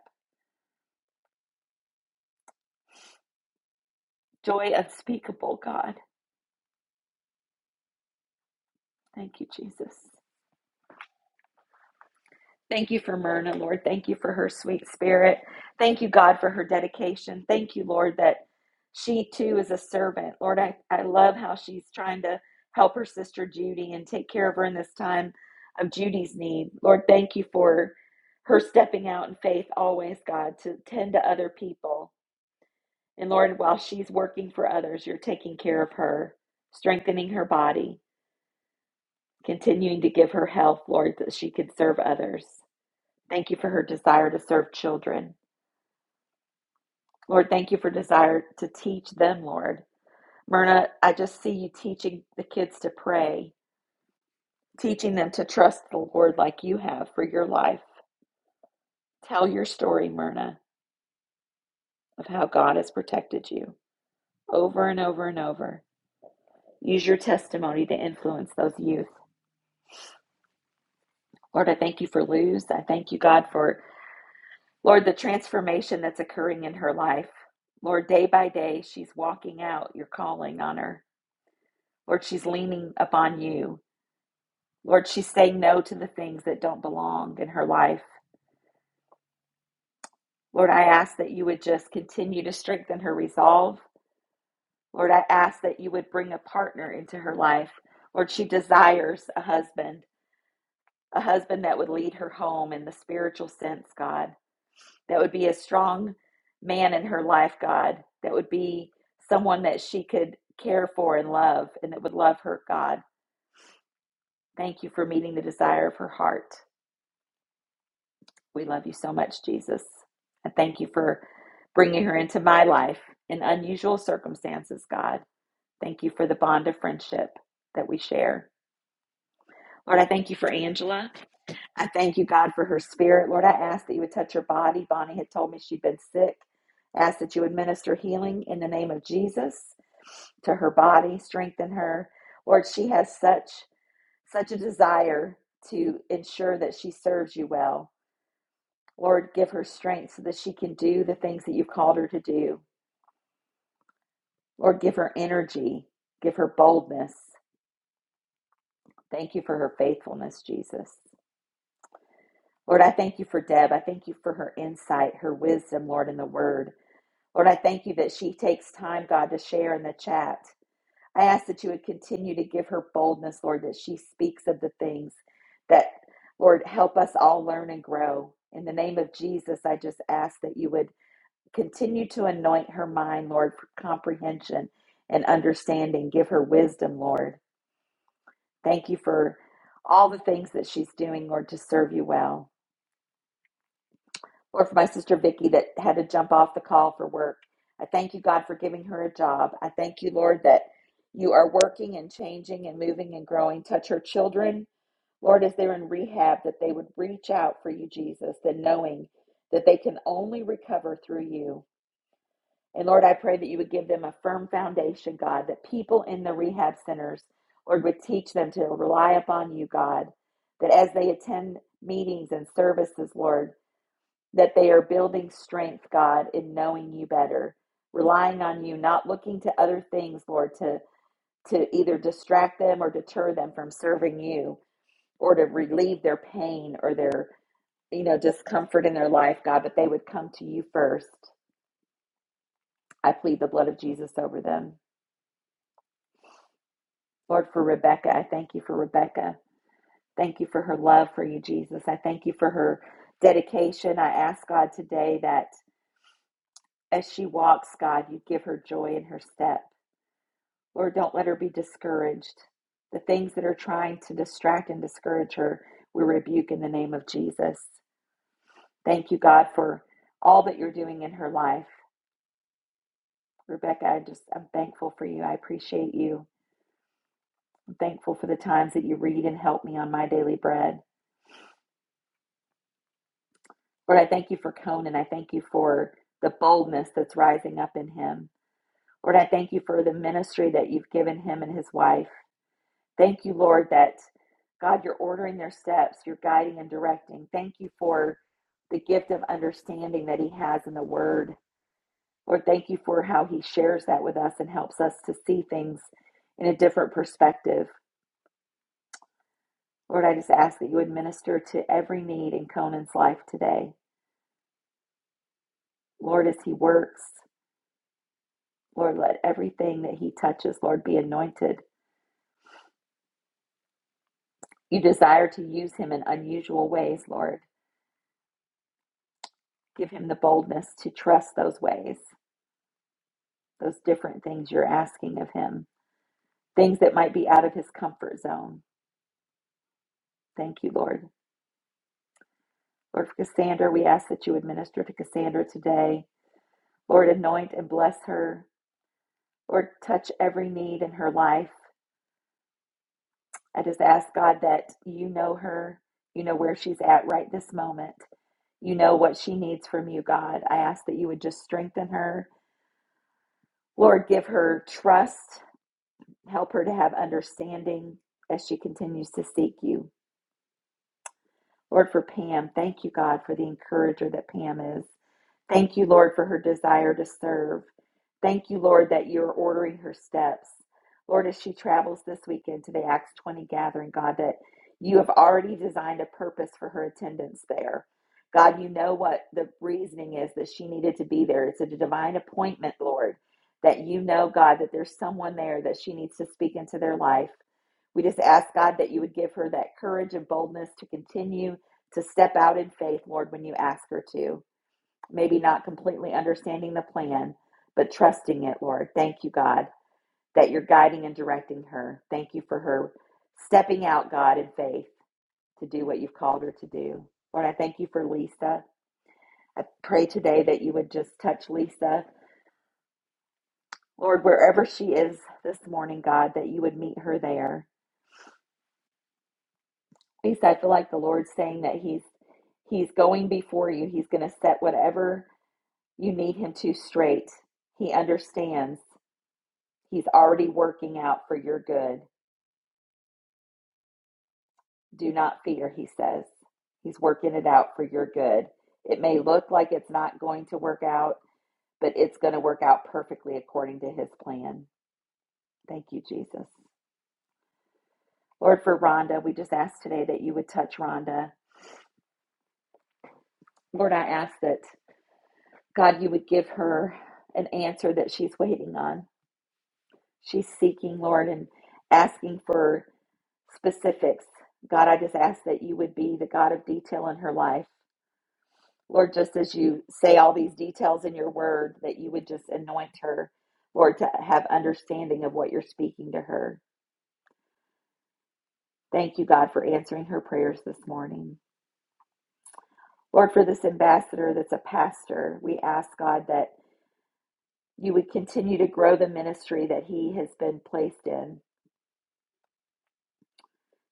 A: joy unspeakable, God. Thank you, Jesus. Thank you for Myrna, Lord. Thank you for her sweet spirit. Thank you, God, for her dedication. Thank you, Lord, that she too is a servant. Lord, I, I love how she's trying to help her sister Judy and take care of her in this time of Judy's need. Lord, thank you for her stepping out in faith always, God, to tend to other people. And Lord, while she's working for others, you're taking care of her, strengthening her body, continuing to give her health, Lord, that she could serve others. Thank you for her desire to serve children. Lord, thank you for desire to teach them, Lord. Myrna, I just see you teaching the kids to pray, teaching them to trust the Lord like you have for your life. Tell your story, Myrna, of how God has protected you over and over and over. Use your testimony to influence those youth. Lord, I thank you for Luz. I thank you, God, for, Lord, the transformation that's occurring in her life. Lord, day by day, she's walking out your calling on her. Lord, she's leaning upon you. Lord, she's saying no to the things that don't belong in her life. Lord, I ask that you would just continue to strengthen her resolve. Lord, I ask that you would bring a partner into her life. Lord, she desires a husband, a husband that would lead her home in the spiritual sense, God, that would be a strong man in her life, God, that would be someone that she could care for and love and that would love her, God. Thank you for meeting the desire of her heart. We love you so much, Jesus. And thank you for bringing her into my life in unusual circumstances, God. Thank you for the bond of friendship that we share. Lord, I thank you for Angela. I thank you, God, for her spirit. Lord, I ask that you would touch her body. Bonnie had told me she'd been sick. I ask that you would minister healing in the name of Jesus to her body, strengthen her. Lord, she has such such a desire to ensure that she serves you well. Lord, give her strength so that she can do the things that you've called her to do. Lord, give her energy, give her boldness. Thank you for her faithfulness, Jesus. Lord, I thank you for Deb. I thank you for her insight, her wisdom, Lord, in the word. Lord, I thank you that she takes time, God, to share in the chat. I ask that you would continue to give her boldness, Lord, that she speaks of the things that, Lord, help us all learn and grow. In the name of Jesus, I just ask that you would Continue to anoint her mind, Lord, for comprehension and understanding. Give her wisdom, Lord. Thank you for all the things that she's doing, Lord, to serve you well. Lord, for my sister Vicky that had to jump off the call for work, I thank you, God, for giving her a job. I thank you, Lord, that you are working and changing and moving and growing. Touch her children, Lord, as they're in rehab, that they would reach out for you, Jesus, and knowing that they can only recover through you. And Lord, I pray that you would give them a firm foundation, God, that people in the rehab centers, Lord, would teach them to rely upon you, God, that as they attend meetings and services, Lord, that they are building strength, God, in knowing you better, relying on you, not looking to other things, Lord, to, to either distract them or deter them from serving you or to relieve their pain or their, you know, discomfort in their life, God, but they would come to you first. I plead the blood of Jesus over them. Lord, for Rebecca, I thank you for Rebecca. Thank you for her love for you, Jesus. I thank you for her dedication. I ask God today that as she walks, God, you give her joy in her step. Lord, don't let her be discouraged. The things that are trying to distract and discourage her, we rebuke in the name of Jesus. Thank you, God, for all that you're doing in her life. Rebecca, I just I'm thankful for you. I appreciate you. I'm thankful for the times that you read and help me on my daily bread. Lord, I thank you for Conan. I thank you for the boldness that's rising up in him. Lord, I thank you for the ministry that you've given him and his wife. Thank you, Lord, that God, you're ordering their steps, you're guiding and directing. Thank you for the gift of understanding that he has in the word. Lord, thank you for how he shares that with us and helps us to see things in a different perspective. Lord, I just ask that you would minister to every need in Conan's life today. Lord, as he works, Lord, let everything that he touches, Lord, be anointed. You desire to use him in unusual ways, Lord. Give him the boldness to trust those ways, those different things you're asking of him, things that might be out of his comfort zone. Thank you, Lord. Lord, for Cassandra, we ask that you administer to Cassandra today. Lord, anoint and bless her. Lord, touch every need in her life. I just ask God that you know her, you know where she's at right this moment, you know what she needs from you, God. I ask that you would just strengthen her. Lord, give her trust, help her to have understanding as she continues to seek you. Lord, for Pam, thank you, God, for the encourager that Pam is. Thank you, Lord, for her desire to serve. Thank you, Lord, that you're ordering her steps. Lord, as she travels this weekend to the Acts 20 gathering, God, that you have already designed a purpose for her attendance there. God, you know what the reasoning is that she needed to be there. It's a divine appointment, Lord, that you know, God, that there's someone there that she needs to speak into their life. We just ask, God, that you would give her that courage and boldness to continue to step out in faith, Lord, when you ask her to maybe not completely understanding the plan, but trusting it, Lord. Thank you, God, that you're guiding and directing her. Thank you for her stepping out, God, in faith to do what you've called her to do. Lord, I thank you for Lisa. I pray today that you would just touch Lisa. Lord, wherever she is this morning, God, that you would meet her there. Lisa, I feel like the Lord's saying that He's He's going before you. He's going to set whatever you need Him to straight. He understands. He's already working out for your good. Do not fear, he says. He's working it out for your good. It may look like it's not going to work out, but it's going to work out perfectly according to his plan. Thank you, Jesus. Lord, for Rhonda, we just ask today that you would touch Rhonda. Lord, I ask that, God, you would give her an answer that she's waiting on. She's seeking, Lord, and asking for specifics. God, I just ask that you would be the God of detail in her life. Lord, just as you say all these details in your word, that you would just anoint her, Lord, to have understanding of what you're speaking to her. Thank you, God, for answering her prayers this morning. Lord, for this ambassador that's a pastor, we ask, God, that you would continue to grow the ministry that he has been placed in.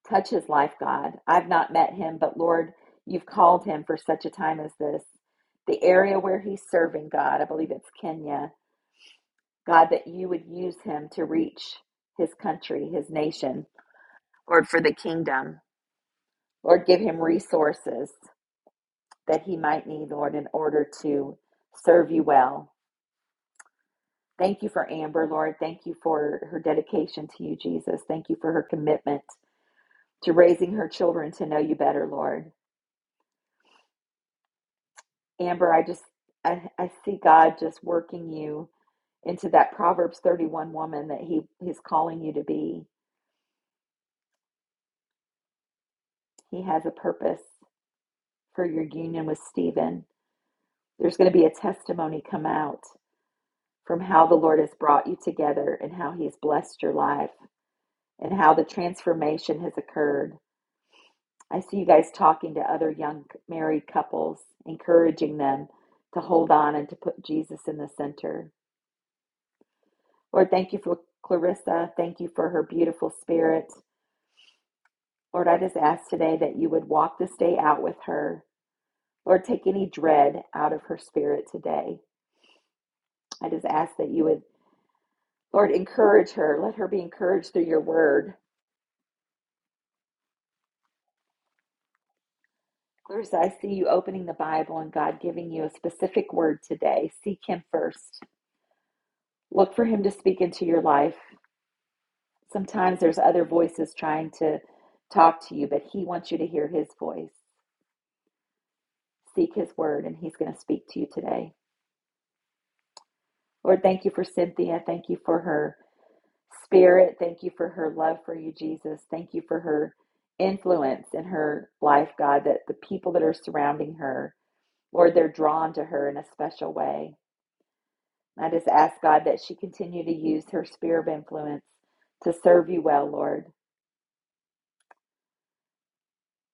A: Touch his life, God. I've not met him, but Lord, you've called him for such a time as this. The area where he's serving, God, I believe it's Kenya. God, that you would use him to reach his country, his nation, Lord, for the kingdom. Lord, give him resources that he might need, Lord, in order to serve you well. Thank you for Amber, Lord. Thank you for her dedication to you, Jesus. Thank you for her commitment to raising her children to know you better, Lord. Amber, I just, I, I see God just working you into that Proverbs 31 woman that he, he's calling you to be. He has a purpose for your union with Stephen. There's going to be a testimony come out from how the Lord has brought you together and how He has blessed your life and how the transformation has occurred. I see you guys talking to other young married couples, encouraging them to hold on and to put Jesus in the center. Lord, thank you for Clarissa. Thank you for her beautiful spirit. Lord, I just ask today that you would walk this day out with her. Lord, take any dread out of her spirit today. I just ask that you would Lord, encourage her. Let her be encouraged through your word. Clarissa, I see you opening the Bible and God giving you a specific word today. Seek Him first. Look for Him to speak into your life. Sometimes there's other voices trying to talk to you, but He wants you to hear His voice. Seek His word, and He's going to speak to you today. Lord, thank you for Cynthia. Thank you for her spirit. Thank you for her love for you, Jesus. Thank you for her influence in her life, God, that the people that are surrounding her Lord, they're drawn to her in a special way. I just ask God that she continue to use her sphere of influence to serve you well, Lord.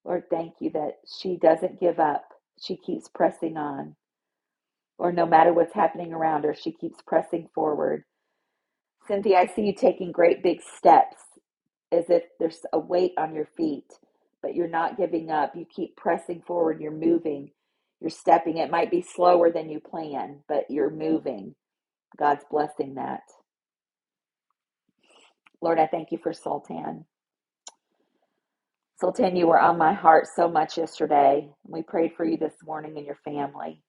A: Lord, thank you that she doesn't give up. She keeps pressing on. Or no matter what's happening around her, she keeps pressing forward. Cynthia, I see you taking great big steps as if there's a weight on your feet, but you're not giving up. You keep pressing forward. You're moving. You're stepping. It might be slower than you plan, but you're moving. God's blessing that. Lord, I thank you for Sultan. Sultan, you were on my heart so much yesterday. We prayed for you this morning and your family.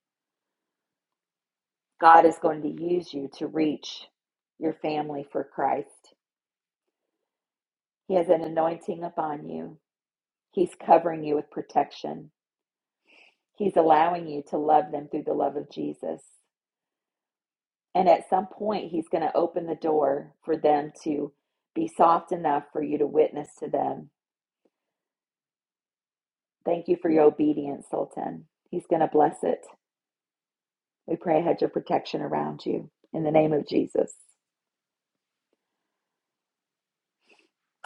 A: God is going to use you to reach your family for Christ. He has an anointing upon you, He's covering you with protection. He's allowing you to love them through the love of Jesus. And at some point, He's going to open the door for them to be soft enough for you to witness to them. Thank you for your obedience, Sultan. He's going to bless it. We pray a hedge of protection around you in the name of Jesus.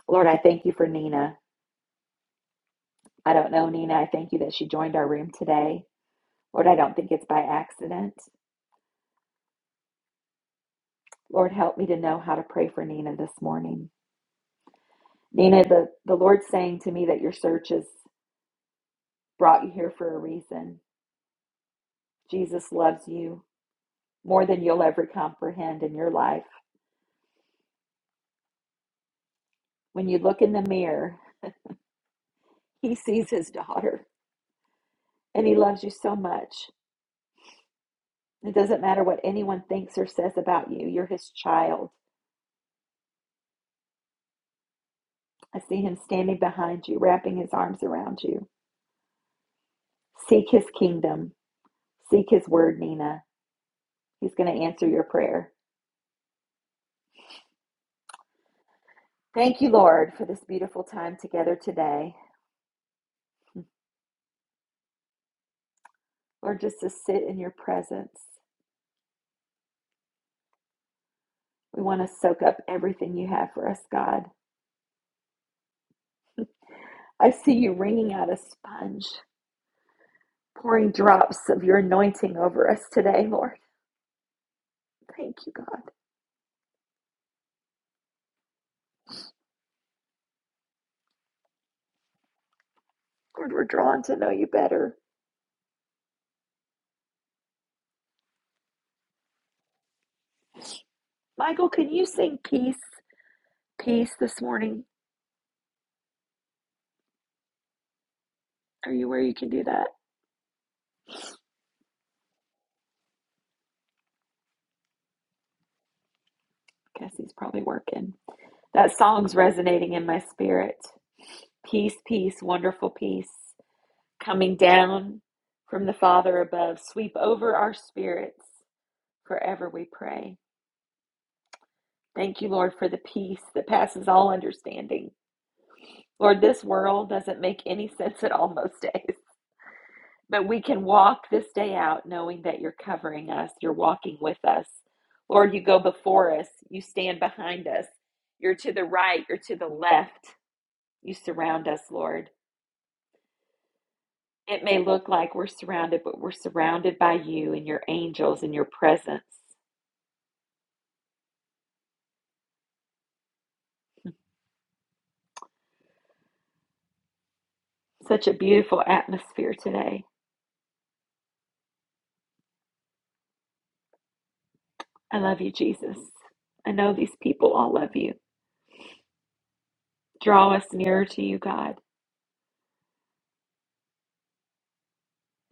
A: Lord, I thank you for Nina. I don't know Nina. I thank you that she joined our room today. Lord, I don't think it's by accident. Lord, help me to know how to pray for Nina this morning. Nina, the, the Lord's saying to me that your search has brought you here for a reason. Jesus loves you more than you'll ever comprehend in your life. When you look in the mirror, he sees his daughter and he loves you so much. It doesn't matter what anyone thinks or says about you, you're his child. I see him standing behind you, wrapping his arms around you. Seek his kingdom, seek his word, Nina. He's going to answer your prayer. Thank you, Lord, for this beautiful time together today. Lord, just to sit in your presence. We want to soak up everything you have for us, God. I see you wringing out a sponge, pouring drops of your anointing over us today, Lord. Thank you, God. Lord, we're drawn to know you better. Michael, can you sing peace, peace this morning? Are you where you can do that? I Guess he's probably working. That song's resonating in my spirit. Peace, peace, wonderful peace, coming down from the Father above. Sweep over our spirits forever, we pray. Thank you, Lord, for the peace that passes all understanding. Lord, this world doesn't make any sense at all most days. But we can walk this day out knowing that you're covering us, you're walking with us. Lord, you go before us, you stand behind us, you're to the right, you're to the left, you surround us, Lord. It may look like we're surrounded, but we're surrounded by you and your angels and your presence. Such a beautiful atmosphere today. I love you, Jesus. I know these people all love you. Draw us nearer to you, God.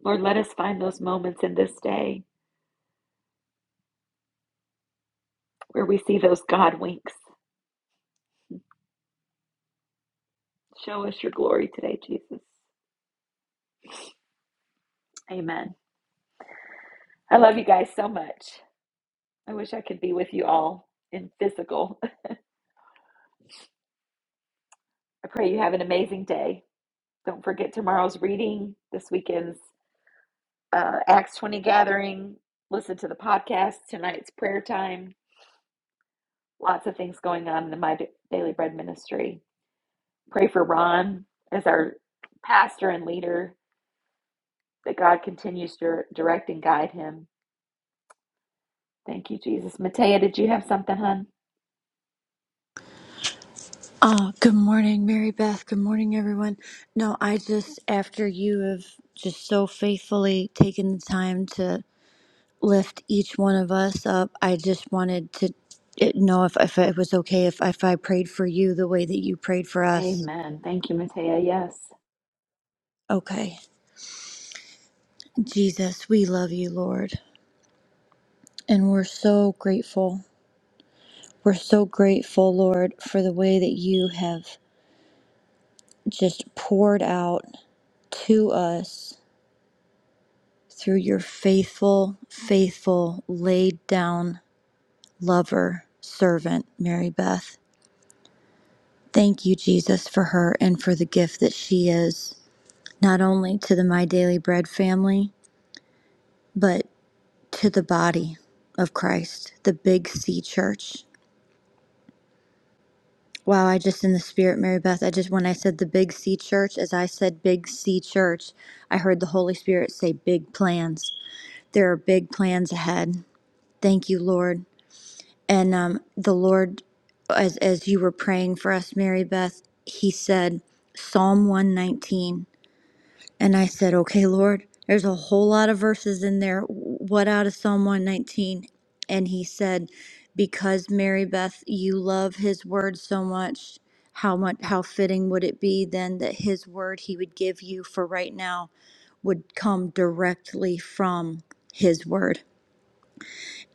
A: Lord, let us find those moments in this day where we see those God winks Show us your glory today, Jesus. Amen. I love you guys so much. I wish I could be with you all in physical. I pray you have an amazing day. Don't forget tomorrow's reading, this weekend's uh, Acts 20 gathering. Listen to the podcast. Tonight's prayer time. Lots of things going on in the My Daily Bread ministry. Pray for Ron as our pastor and leader, that God continues to direct and guide him. Thank you, Jesus. Matea, did you have something, hon?
J: Oh, good morning, Mary Beth. Good morning, everyone. No, I just, after you have just so faithfully taken the time to lift each one of us up, I just wanted to eh, know if, if it was okay if, if I prayed for you the way that you prayed for us.
A: Amen. Thank you, Matea. Yes.
J: Okay. Jesus, we love you, Lord. And we're so grateful. We're so grateful, Lord, for the way that you have just poured out to us through your faithful, faithful, laid down lover, servant, Mary Beth. Thank you, Jesus, for her and for the gift that she is, not only to the My Daily Bread family, but to the body of Christ, the Big C Church. Wow, I just in the spirit, Mary Beth, I just, when I said the Big C Church, as I said Big C Church, I heard the Holy Spirit say big plans. There are big plans ahead. Thank you, Lord. And um, the Lord, as, as you were praying for us, Mary Beth, He said Psalm 119. And I said, Okay, Lord, there's a whole lot of verses in there. What out of Psalm 119? And He said, Because Mary Beth, you love His word so much. How much how fitting would it be then that his word he would give you for right now would come directly from his word.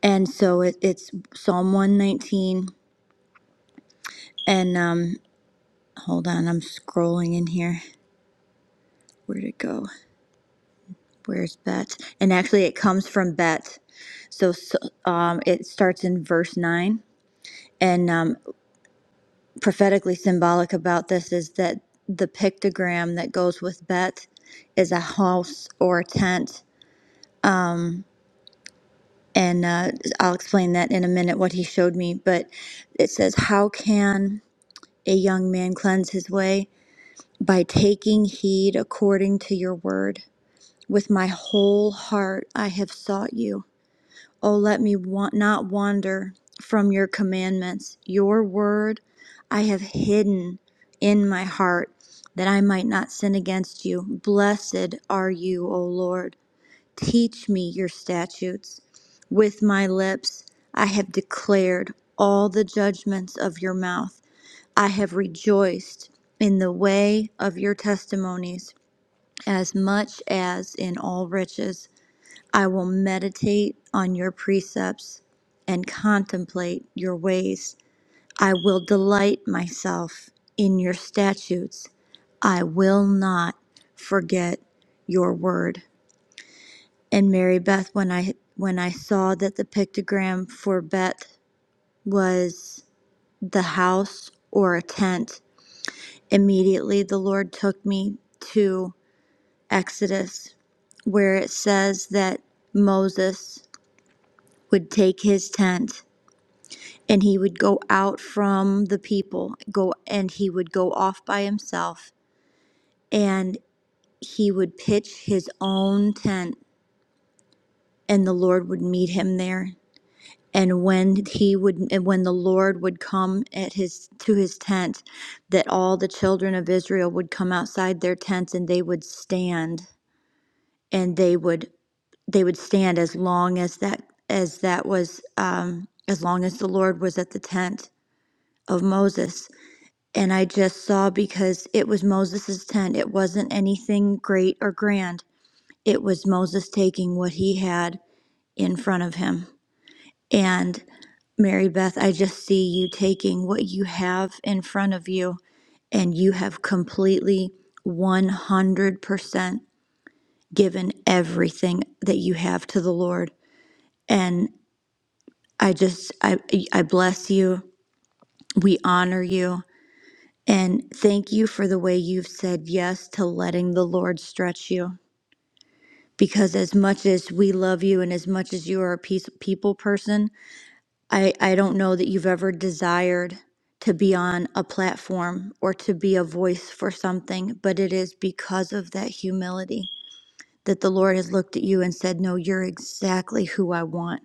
J: And so it, it's Psalm 119 And um, hold on, I'm scrolling in here. Where'd it go? Where's Bet? And actually, it comes from Bet. So, so um, it starts in verse nine. And um, prophetically symbolic about this is that the pictogram that goes with Bet is a house or a tent. Um, and uh, I'll explain that in a minute what he showed me. But it says, How can a young man cleanse his way? By taking heed according to your word. With my whole heart I have sought you. Oh, let me wa- not wander from your commandments. Your word I have hidden in my heart that I might not sin against you. Blessed are you, O Lord. Teach me your statutes. With my lips I have declared all the judgments of your mouth. I have rejoiced in the way of your testimonies as much as in all riches. I will meditate on your precepts and contemplate your ways. I will delight myself in your statutes. I will not forget your word. And Mary Beth, when I when I saw that the pictogram for Beth was the house or a tent, immediately the Lord took me to Exodus, where it says that Moses would take his tent and he would go out from the people go and he would go off by himself and he would pitch his own tent and the lord would meet him there and when he would and when the lord would come at his to his tent that all the children of israel would come outside their tents and they would stand and they would they would stand as long as that as that was um as long as the lord was at the tent of moses And I just saw because it was Moses' tent. It wasn't anything great or grand. It was Moses taking what he had in front of him. And Mary Beth, I just see you taking what you have in front of you, and you have completely 100% given everything that you have to the Lord. And I just, I, I bless you. We honor you. And thank you for the way you've said yes to letting the Lord stretch you. Because as much as we love you and as much as you are a peace, people person, I, I don't know that you've ever desired to be on a platform or to be a voice for something, but it is because of that humility that the Lord has looked at you and said, No, you're exactly who I want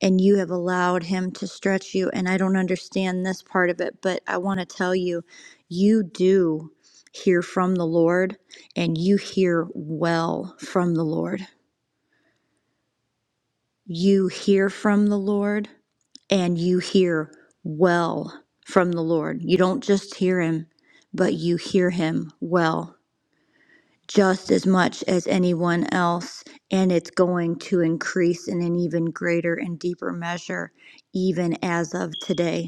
J: and you have allowed him to stretch you. And I don't understand this part of it, but I want to tell you, you do hear from the Lord and you hear well from the Lord. You hear from the Lord and you hear well from the Lord. You don't just hear him, but you hear him well. Just as much as anyone else, and it's going to increase in an even greater and deeper measure, even as of today.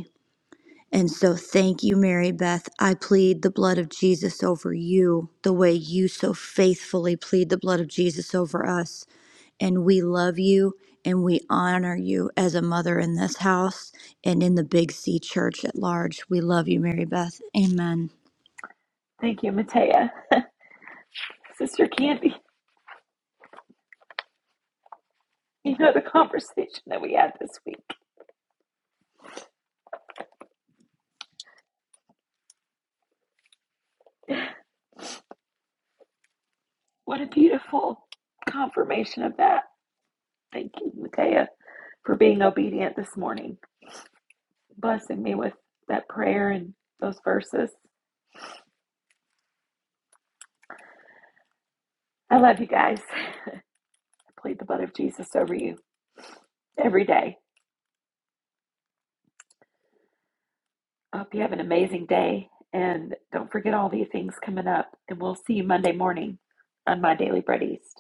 J: And so, thank you, Mary Beth. I plead the blood of Jesus over you the way you so faithfully plead the blood of Jesus over us. And we love you and we honor you as a mother in this house and in the Big C church at large. We love you, Mary Beth. Amen.
A: Thank you, Matea. Sister Candy, you know the conversation that we had this week. What a beautiful confirmation of that. Thank you, Matea, for being obedient this morning, blessing me with that prayer and those verses. I love you guys. I plead the blood of Jesus over you every day. I hope you have an amazing day. And don't forget all the things coming up. And we'll see you Monday morning on My Daily Bread East.